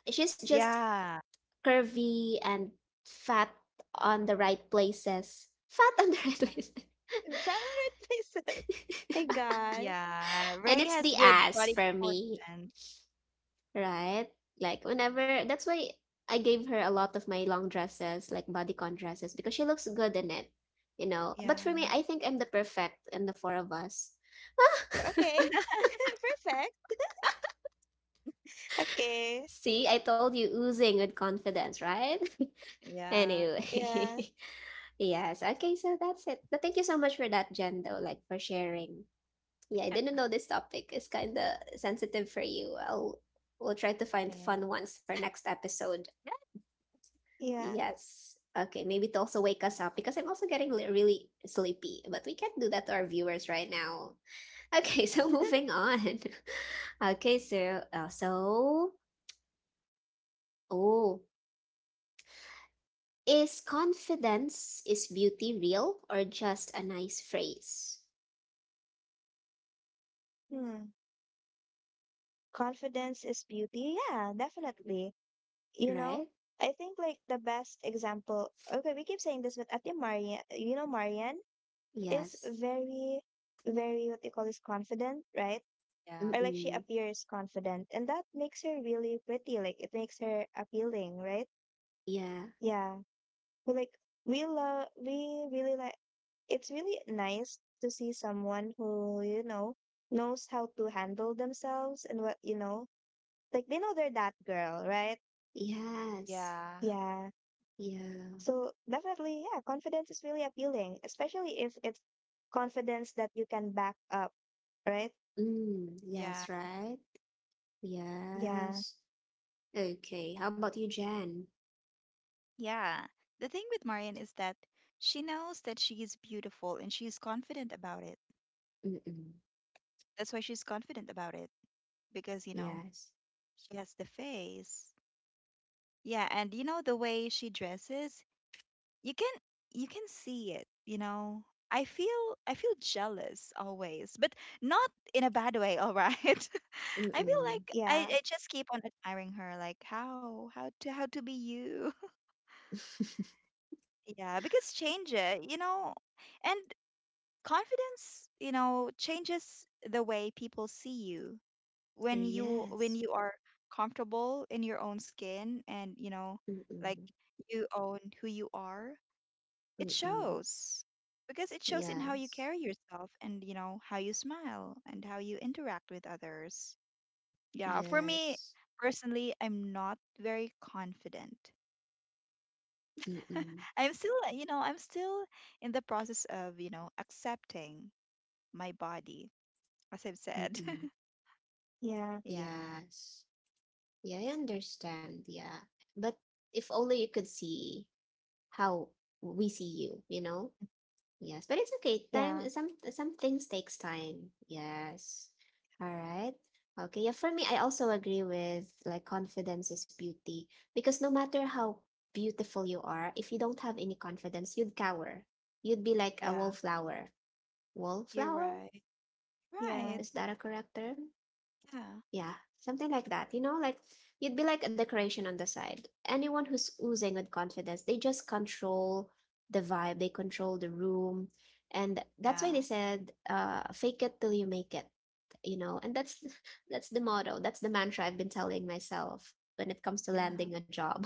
A: She's just
B: Yeah.
A: curvy and fat on the right places. Fat on the right
B: Yeah.
A: places.
C: Valorant myself. My God.
B: Yeah.
A: And
B: Ray
A: it's
B: has
A: the
B: good
A: ass
B: body
A: for me,
B: proportion.
A: right? Like whenever, that's why I gave her a lot of my long dresses, like bodycon dresses, because she looks good in it, you know. But for me,
B: Yeah.
A: I think I'm the perfect in the four of us.
C: Okay. Perfect. Okay.
A: See, I told you, oozing with confidence, right?
B: Yeah.
C: Yeah.
A: Anyway, yes. Okay, so that's it. But thank you so much for that, Jen, though, like for sharing. Yeah, I didn't know this topic is kind of sensitive for you. I'll We'll try to
B: It
A: find
B: is.
A: fun ones for next episode.
B: Yeah.
C: Yeah.
A: Yes. Okay, maybe to also wake us up because I'm also getting li- really sleepy, but we can't do that to our viewers right now. Okay, so
B: Yeah.
A: moving on. Okay, so uh, so oh is confidence is beauty real or just a nice phrase?
C: Hmm. Confidence is beauty. Yeah, definitely. You know,
A: Right?
C: I think like the best example, okay, we keep saying this, but Ate Marian, you know, Marian is
A: Yes.
C: very, very, what they call this, confident, right?
B: Yeah.
C: Or like she
A: Mm-mm.
C: appears confident, and that makes her really pretty. Like it makes her appealing, right?
A: Yeah.
C: Yeah. like we love we really like it's really nice to see someone who, you know, knows how to handle themselves and, what you know, like they know they're that girl, right?
A: Yes.
B: Yeah.
C: Yeah,
A: Yeah.
C: so definitely, yeah, confidence is really appealing, especially if it's confidence that you can back up, right?
A: Mm.
B: Yeah.
A: Yes, right?
C: Yeah.
A: Yes. Okay. How about you, Jan?
B: Yeah. The thing with Marian is that she knows that she is beautiful and she's confident about it.
A: Mm-mm.
B: That's why she's confident about it because, you know,
A: Yes.
B: she has the face. Yeah, and you know the way she dresses, you can, you can see it, you know. i feel I feel jealous always, but not in a bad way, all right? I feel
A: Mm-mm.
B: like
C: Yeah.
B: I, I just keep on admiring her, like how, how to how to be you. Yeah, because change it, you know, and confidence, you know, changes the way people see you when you when
A: Yes.
B: you are comfortable in your own skin, and you know like
A: Mm-mm.
B: you own who you are. It
A: Mm-mm.
B: shows because it shows in how you
A: Yes.
B: carry yourself and, you know, how you smile and how you interact with others. Yeah, for me
A: Yes.
B: personally, I'm not very confident.
A: Mm-mm.
B: I'm still, you know, I'm still in the process of, you know, accepting my body, as I've said.
A: Mm-mm.
C: Yeah.
B: Yeah,
A: Yes. Yeah, I understand. Yeah. But if only you could see how we see you, you know? Yes, but it's okay. Time,
C: Yeah.
A: some some things takes time. Yes. All right. Okay. Yeah, for me I also agree with like confidence is beauty because no matter how beautiful you are, if you don't have any confidence, you'd cower. You'd be like a
B: yeah,
A: wallflower.
B: you're
A: Wallflower?
B: right.
C: Yeah.
B: Right.
A: Is that a correct term?
B: Yeah,
A: Yeah, something like that. You know, like you'd be like a decoration on the side. Anyone who's oozing with confidence, they just control the vibe, they control the room. And that's why they
B: yeah,
A: said, uh, fake it till you make it, you know. And that's that's the motto, that's the mantra I've been telling myself when it comes to
B: yeah,
A: landing a job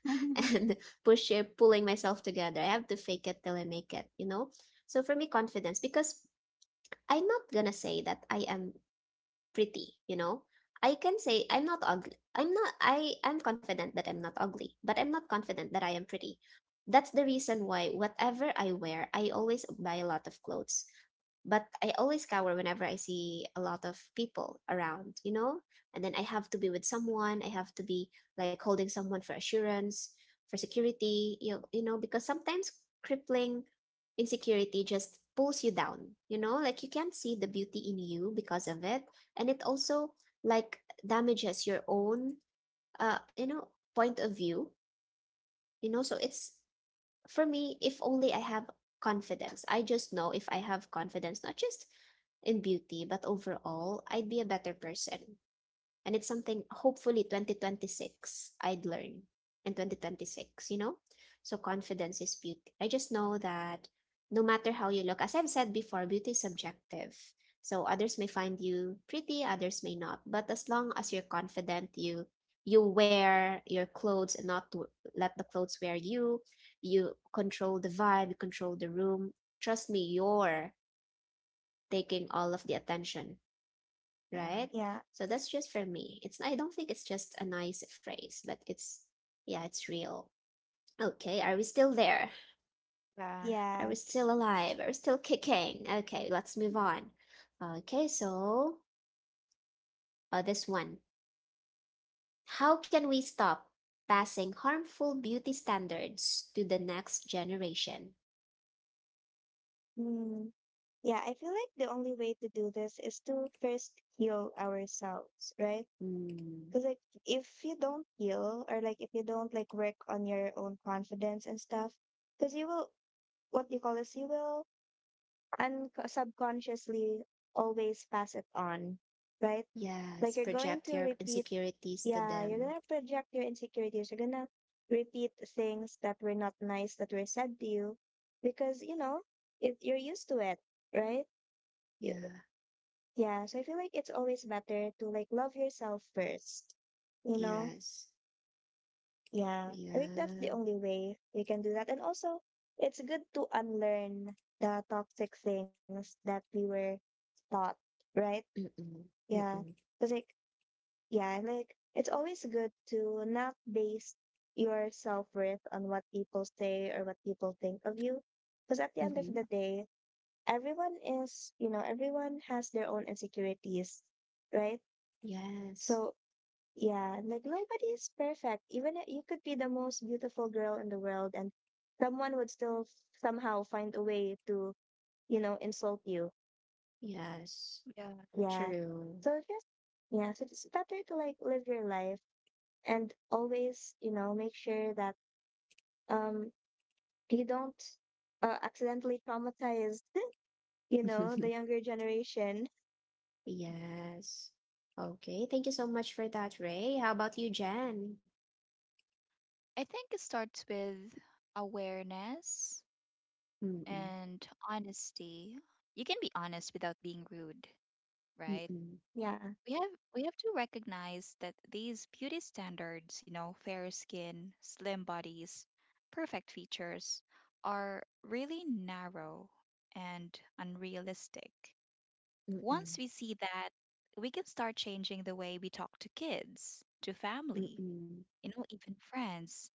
B: yeah,
A: and push it, pulling myself together. I have to fake it till I make it, you know. So for me, confidence, because I'm not gonna say that I am pretty, you know? I can say I'm not ugly. I'm not I I'm confident that I'm not ugly, but I'm not confident that I am pretty. That's the reason why whatever I wear, I always buy a lot of clothes. But I always cower whenever I see a lot of people around, you know? And then I have to be with someone, I have to be like holding someone for assurance, for security, you, you know, because sometimes crippling insecurity just pulls you down, you know, like you can't see the beauty in you because of it. And it also like damages your own uh you know, point of view, you know. So it's, for me, if only I have confidence, I just know, if I have confidence, not just in beauty but overall, I'd be a better person. And it's something hopefully twenty twenty-six I'd learn in twenty twenty-six, you know? So confidence is beauty. I just know that no matter how you look, as I've said before, beauty is subjective. So others may find you pretty, others may not. But as long as you're confident, you you wear your clothes and not to let the clothes wear you, you control the vibe, you control the room. Trust me, you're taking all of the attention,
B: yeah,
A: right?
C: Yeah.
A: So that's just for me. It's, I don't think it's just a nice phrase, but it's, yeah, it's real. Okay, are we still there?
B: yeah.
A: Are we
C: Yes.
A: still alive? Are we still kicking? Okay, let's move on. Okay, so uh, this one. How can we stop passing harmful beauty standards to the next generation?
C: Mm. Yeah, I feel like the only way to do this is to first heal ourselves, right?
A: Mm,
C: Because like if you don't heal, or like if you don't like work on your own confidence and stuff, because you will, what you call this, you will un subconsciously always pass it on, right? Like
A: yes,
C: you're going
A: project
C: to
A: your
C: repeat,
A: insecurities to
C: yeah, you're
A: them.
C: gonna project your insecurities, you're gonna repeat things that were not nice that were said to you because, you know, it, you're used to it, right? you,
A: Yeah,
C: Yeah, so I feel like it's always better to like love yourself first, you know?
A: yes,
C: Yeah, I think that's
A: yeah.
C: the only way we can do that. And also, it's good to unlearn the toxic things that we were taught, right?
A: Mm-mm,
C: Yeah,
A: mm-mm,
C: because like, yeah, like it's always good to not base your self-worth on what people say or what people think of you. Because at the end of
A: mm-hmm.
C: the day, everyone is, you know, everyone has their own insecurities, right?
A: Yes.
C: So yeah, like nobody is perfect. Even if you could be the most beautiful girl in the world, and someone would still f- somehow find a way to, you know, insult you.
A: Yes.
B: Yeah.
C: Yeah.
A: True.
C: So just, yeah, so it's better to like live your life and always, you know, make sure that um you don't uh, accidentally traumatize, you know, the younger generation.
A: Yes. Okay. Thank you so much for that, Ray. How about you, Jen?
B: I think it starts with awareness
A: Mm-mm.
B: and honesty. You can be honest without being rude, right?
A: Mm-mm.
C: Yeah.
B: We have we have to recognize that these beauty standards, you know, fair skin, slim bodies, perfect features are really narrow and unrealistic. Once
A: Mm-mm.
B: we see that, we can start changing the way we talk to kids, to family,
A: Mm-mm.
B: you know, even friends.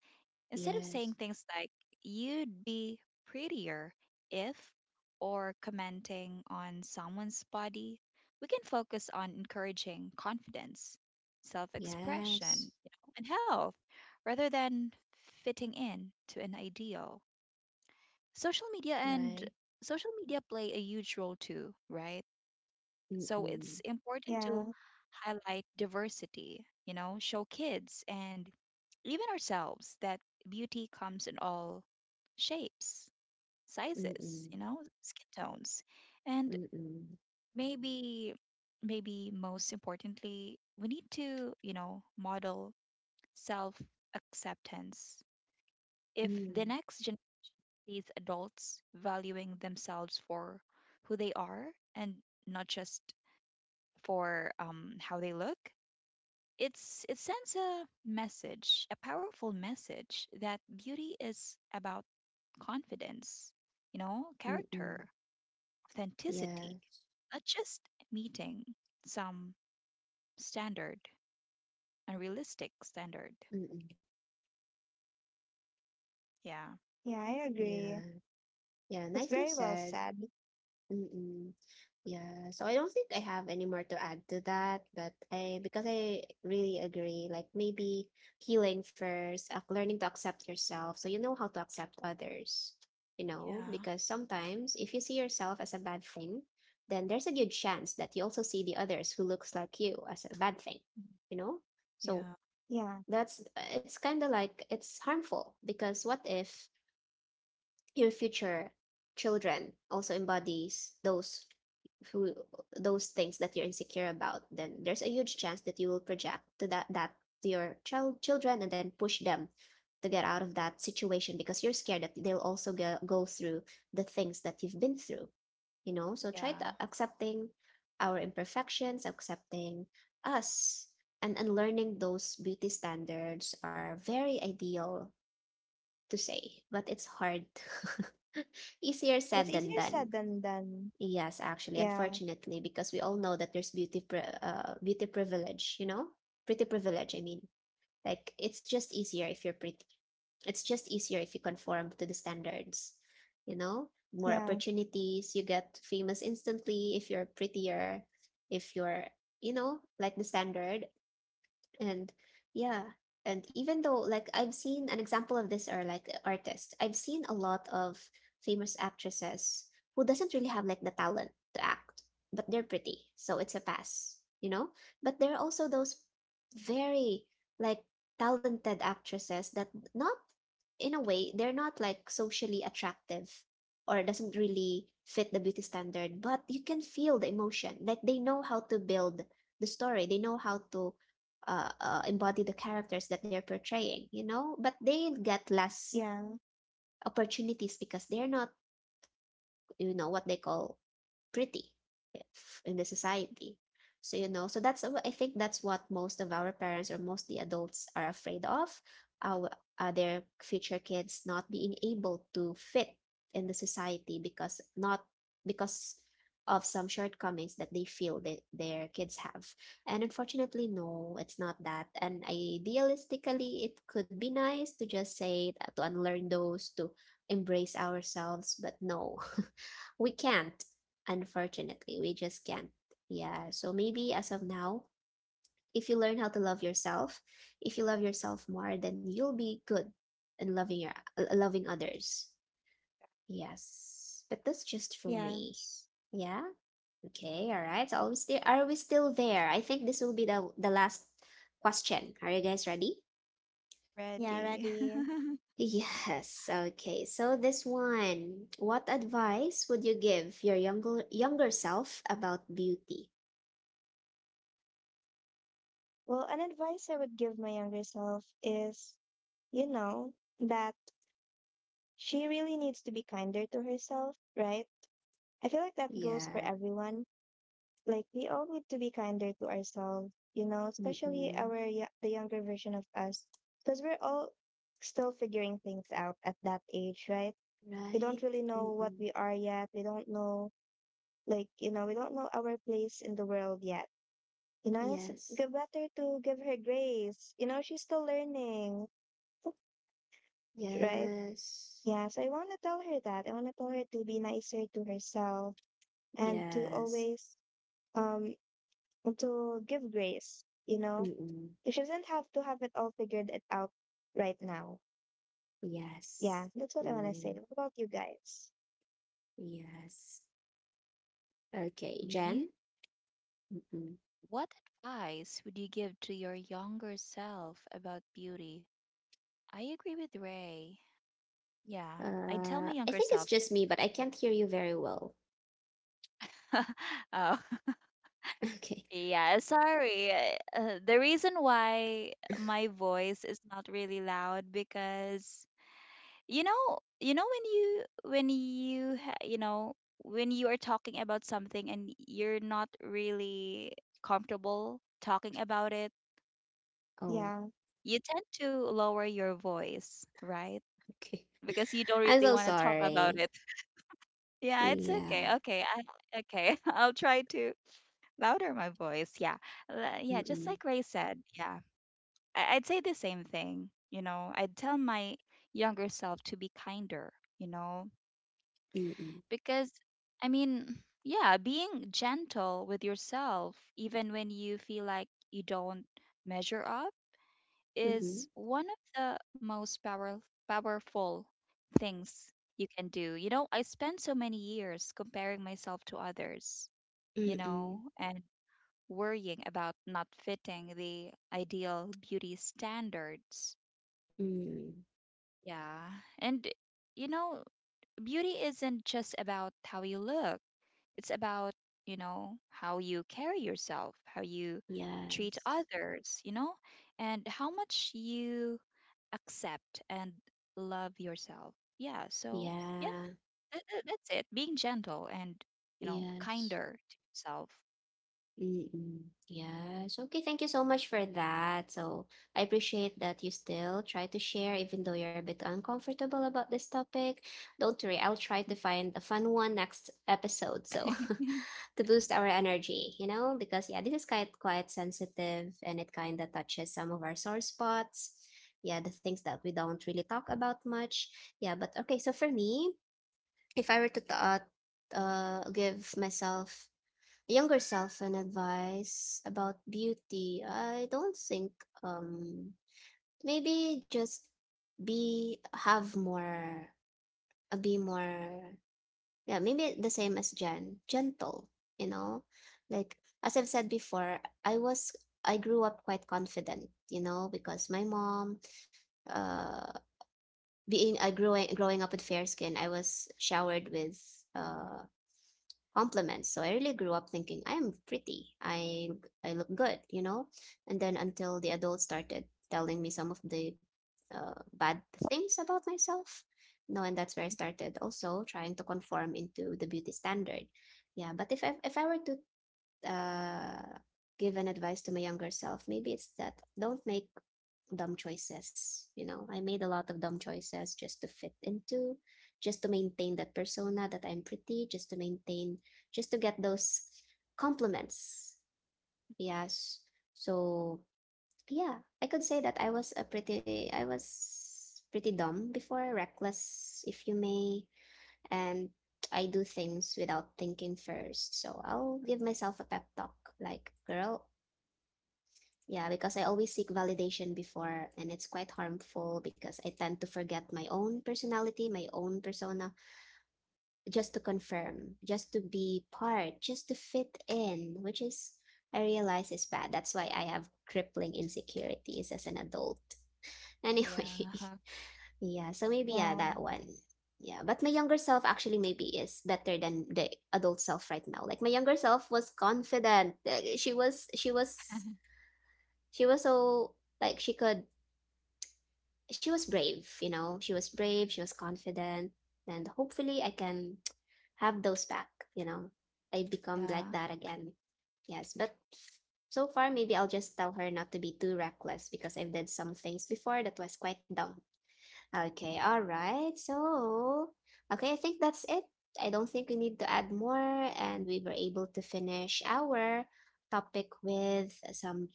B: Instead of
A: Yes.
B: saying things like, you'd be prettier if, or commenting on someone's body, we can focus on encouraging confidence, self
A: Yes.
B: expression, you know, and health rather than fitting in to an ideal. Social media and
A: Right.
B: Social media play a huge role too, right? So it's
A: Mm-mm.
B: important
C: Yeah,
B: to highlight diversity, you know, show kids and even ourselves that beauty comes in all shapes, sizes,
A: Mm-mm.
B: you know, skin tones. And
A: Mm-mm.
B: maybe, maybe most importantly, we need to, you know, model self acceptance. If the
A: Mm.
B: next generation sees adults valuing themselves for who they are and not just for, um, how they look, It's it sends a message, a powerful message that beauty is about confidence, you know, character,
A: Mm-mm. Yeah.
B: authenticity, not just meeting some standard, unrealistic standard.
A: Mm-mm.
B: Yeah.
C: yeah, I agree.
A: Yeah. Yeah.
C: It's
A: Nicely
C: very well
A: said.
C: said.
A: Mm-mm. Yeah, so I don't think I have any more to add to that, but I, because I really agree, like maybe healing first, ac- learning to accept yourself so you know how to accept others, you know,
B: Yeah.
A: because sometimes if you see yourself as a bad thing, then there's a good chance that you also see the others who looks like you as a bad thing,
B: Mhm.
A: you know? So
B: Yeah.
C: Yeah,
A: that's it's kind of like it's harmful because what if your future children also embodies those who those things that you're insecure about. Then there's a huge chance that you will project to that that, to your child children and then push them to get out of that situation because you're scared that they'll also go, go through the things that you've been through, you know. So try
B: Yeah.
A: to accepting our imperfections, accepting us and unlearning those beauty standards are very ideal to say, but it's hard. Easier
C: it's
A: said than
C: easier
A: done.
C: said than done.
A: Yes, actually,
C: Yeah,
A: unfortunately, because we all know that there's beauty pri uh, beauty privilege, you know? Pretty privilege, I mean. Like it's just easier if you're pretty. It's just easier if you conform to the standards, you know? More
C: yeah.
A: opportunities, you get famous instantly if you're prettier, if you're, you know, like the standard. And yeah, and even though like I've seen an example of this are like artists, I've seen a lot of famous actresses who doesn't really have like the talent to act, but they're pretty, so it's a pass, you know. But there are also those very like talented actresses that not, in a way they're not like socially attractive or doesn't really fit the beauty standard, but you can feel the emotion. Like they know how to build the story, they know how to uh, uh, embody the characters that they're portraying, you know, but they get
C: Yeah,
A: less opportunities because they're not, you know, what they call pretty in the society. So you know so that's, I think that's what most of our parents or most the adults are afraid of, our uh, their future kids not being able to fit in the society, because not because of some shortcomings that they feel that their kids have. And unfortunately no, it's not that. And idealistically it could be nice to just say that, to unlearn those, to embrace ourselves, but no. We can't, unfortunately. We just can't. Yeah. So maybe as of now, if you learn how to love yourself, if you love yourself more, then you'll be good in loving your uh, loving others. Yes. But that's just for me.
C: yes.
A: Yeah. Okay. All right. So are we still are we still there? I think this will be the the last question. Are you guys ready?
C: Yeah,
B: Ready.
C: ready.
A: Yes. Okay. So this one, what advice would you give your younger younger self about beauty?
C: Well, an advice I would give my younger self is, you know, that she really needs to be kinder to herself, right? I feel like that goes for
A: Yeah.
C: everyone. Like we all need to be kinder to ourselves, you know, especially
A: Mm-mm.
C: our y the younger version of us, because we're all still figuring things out at that age, right? We
A: Right?
C: don't really know what
A: Mm-mm.
C: we are yet. We don't know, like, you know, we don't know our place in the world yet. You know, it's
A: Yes.
C: g- better to give her grace. You know, she's still learning, right?
A: Yes.
C: Yeah, so I want to tell her that. I want to tell her to be nicer to herself and to
A: Yes.
C: always um to give grace, you know.
A: Mm-mm.
C: She doesn't have to have it all figured it out right now.
A: Yes.
C: Yeah, that's what I want to say.
A: Mm.
C: What about you guys?
A: Yes. Okay, Jen?
B: Me?
A: Mm-mm.
B: What advice would you give to your younger self about beauty? I agree with Ray. Yeah. I'd tell
A: Uh,
B: my
A: I
B: younger
A: think it's
B: self.
A: just me, but I can't hear you very well.
B: Oh,
A: Okay.
B: yeah. Sorry. Uh, uh, the reason why my voice is not really loud because you know, you know when you when you ha- you know when you are talking about something and you're not really comfortable talking about it,
A: Oh,
C: Yeah,
B: you tend to lower your voice, right?
A: okay.
B: Because you don't
A: I'm
B: really
A: so
B: want to talk about
A: sorry.
B: it. Yeah, it's okay.
A: Yeah.
B: Okay, I, okay. I'll try to. Louder my voice. Yeah. Uh, Yeah, just
A: Mm-mm.
B: like Ray said. Yeah. I- I'd say the same thing. You know, I'd tell my younger self to be kinder, you know,
A: Mm-mm.
B: because I mean, yeah, being gentle with yourself, even when you feel like you don't measure up,
A: Mm-hmm.
B: is one of the most power- powerful things you can do. You know, I spent so many years comparing myself to others, you
A: Mm-mm.
B: know, and worrying about not fitting the ideal beauty standards.
A: Mm.
B: Yeah. And, you know, beauty isn't just about how you look, it's about, you know, how you carry yourself, how you treat
A: Yes.
B: others, you know, and how much you accept and love yourself. Yeah. So, yeah,
A: Yeah.
B: that, that- that's it. Being gentle and, you know,
A: Yes.
B: kinder to yourself.
A: Mm-mm. Yes. Okay, thank you so much for that. So I appreciate that you still try to share, even though you're a bit uncomfortable about this topic. Don't worry, I'll try to find a fun one next episode. So to boost our energy, you know, because yeah, this is quite quite sensitive and it kind of touches some of our sore spots. Yeah, the things that we don't really talk about much. Yeah, but okay, so for me, if I were to t- uh, uh, give myself younger self and advice about beauty, I don't think um Maybe just be have more, uh, be more, yeah, maybe the same as Jen, gentle, you know, like as I've said before, I was, I grew up quite confident, you know, because my mom uh being I growing growing up with fair skin, I was showered with uh compliments. So I really grew up thinking I am pretty. I I look good, you know? And then until the adults started telling me some of the uh, bad things about myself. No, and that's where I started also trying to conform into the beauty standard. Yeah, but if I if I were to uh, give an advice to my younger self. Maybe it's that don't make dumb choices. You know, I made a lot of dumb choices just to fit into, just to maintain that persona that I'm pretty, just to maintain, just to get those compliments. Yes. So, yeah, I could say that I was a pretty, I was pretty dumb before, reckless, if you may, and I do things without thinking first. So I'll give myself a pep talk like, girl, yeah, because I always seek validation before, and it's quite harmful because I tend to forget my own personality, my own persona, just to confirm, just to be part, just to fit in, which is, I realize is bad. That's why I have crippling insecurities as an adult. Anyway,
B: Yeah.
A: yeah, so maybe yeah,
C: yeah,
A: that one. Yeah, but my younger self actually maybe is better than the adult self right now. Like my younger self was confident. Uh, She was she was she was so like she could, she was brave, you know. She was brave, she was confident, and hopefully I can have those back, you know. I become like
B: Yeah.
A: that again. Yes, but so far maybe I'll just tell her not to be too reckless because I've did some things before that was quite dumb. Okay, all right. So, okay, I think that's it. I don't think we need to add more, and we were able to finish our topic with some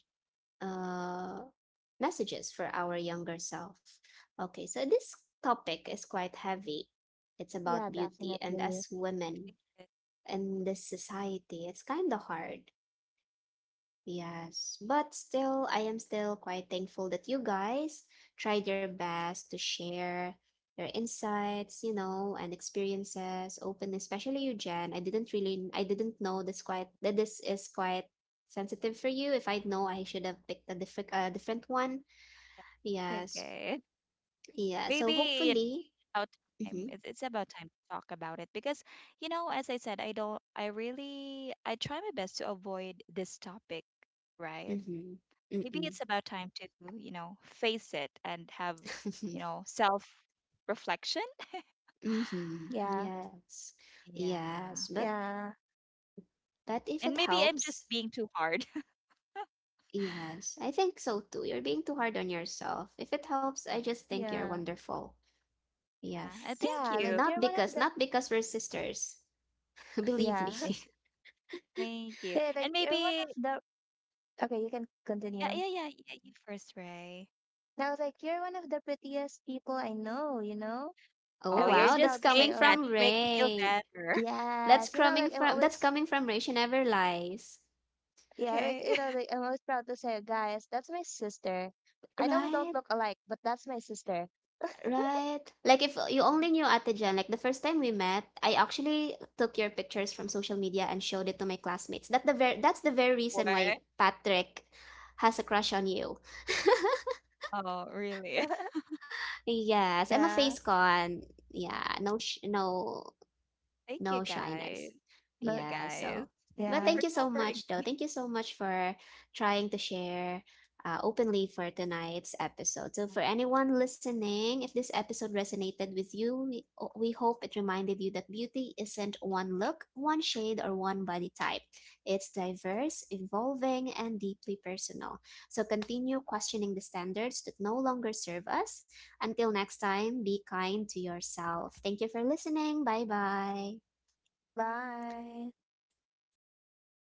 A: uh, messages for our younger self. Okay, so this topic is quite heavy. It's
C: yeah,
A: about beauty, and
C: definitely.
A: as women in this society, it's kind of hard. Yes, but still, I am still quite thankful that you guys tried your best to share your insights, you know, and experiences open, especially you, Jen. I didn't really, I didn't know this quite, that this is quite sensitive for you. If I'd know, I should have picked a different, a different one.
B: It's
A: Yes,
B: okay.
A: yeah. So
B: Maybe it's
A: hopefully,
B: about time.
A: mm-hmm,
B: It's, it's about time to talk about it because, you know, as I said, I don't, I really, I try my best to avoid this topic, right?
A: mm-hmm,
B: Maybe
A: mm-mm,
B: it's about time to, you know, face it and have, you know, self reflection.
A: mm-hmm,
C: Yeah,
A: yes, yes.
B: Yeah.
A: But
C: yeah,
A: but if
B: And
A: it
B: maybe I'm just
A: helps.
B: being too hard.
A: Yes, I think so too. You're being too hard on yourself. If it helps, I
B: Yeah.
A: just think you're
C: yeah.
A: wonderful.
B: Yeah. Uh,
A: Yes.
B: thank
C: Yeah, like
B: you.
A: Not
C: you're one of
A: because,
C: the…
A: not because we're sisters. Believe me.
C: Yeah.
B: Thank you.
C: Yeah, like
B: And
C: you're one
B: maybe,
C: of the… Okay, you can
B: yeah,
C: continue.
B: yeah, yeah, yeah, you first, Ray.
C: And I was like, you're one of the prettiest people I know, you know?
A: Oh
B: Oh,
C: I'm
B: you're
A: wow,
C: always
A: that's
B: just
C: proud to
A: coming
C: say,
B: saying
C: oh,
B: that to
A: from
B: make me feel
A: Ray.
B: better.
A: That's
C: yes. You know,
A: coming
C: like, I'm
A: from that's
C: always,
A: coming from Ray. She never lies.
C: yeah, like,
B: Okay.
C: you know, like, I'm always proud to say, guys, that's my sister. I know we don't
A: Right?
C: look alike, but that's my sister.
A: Right. Like if you only knew Ate Jen, like the first time we met, I actually took your pictures from social media and showed it to my classmates. That the ver- that's the very
B: Four.
A: reason why Patrick has a crush on you.
B: Oh, really?
A: Yes, I'm a
C: Yeah.
A: face con. Yeah, no, sh no,
B: Thank you
A: no
B: guys.
A: shyness.
B: Thank
C: No,
B: you
A: Yeah.
B: guys.
A: So,
B: Thank
A: but
B: you
C: yeah.
A: thank
B: for
A: you so
B: comforting
A: much, though. Thank you so much for trying to share uh, openly for tonight's episode. So, for
B: me.
A: anyone listening, if this episode resonated with you, we, we hope it reminded you that beauty isn't one look, one shade, or one body type. It's diverse, evolving, and deeply personal. So, continue questioning the standards that no longer serve us. Until next time, be kind to yourself. Thank you for listening. Bye bye.
C: Bye.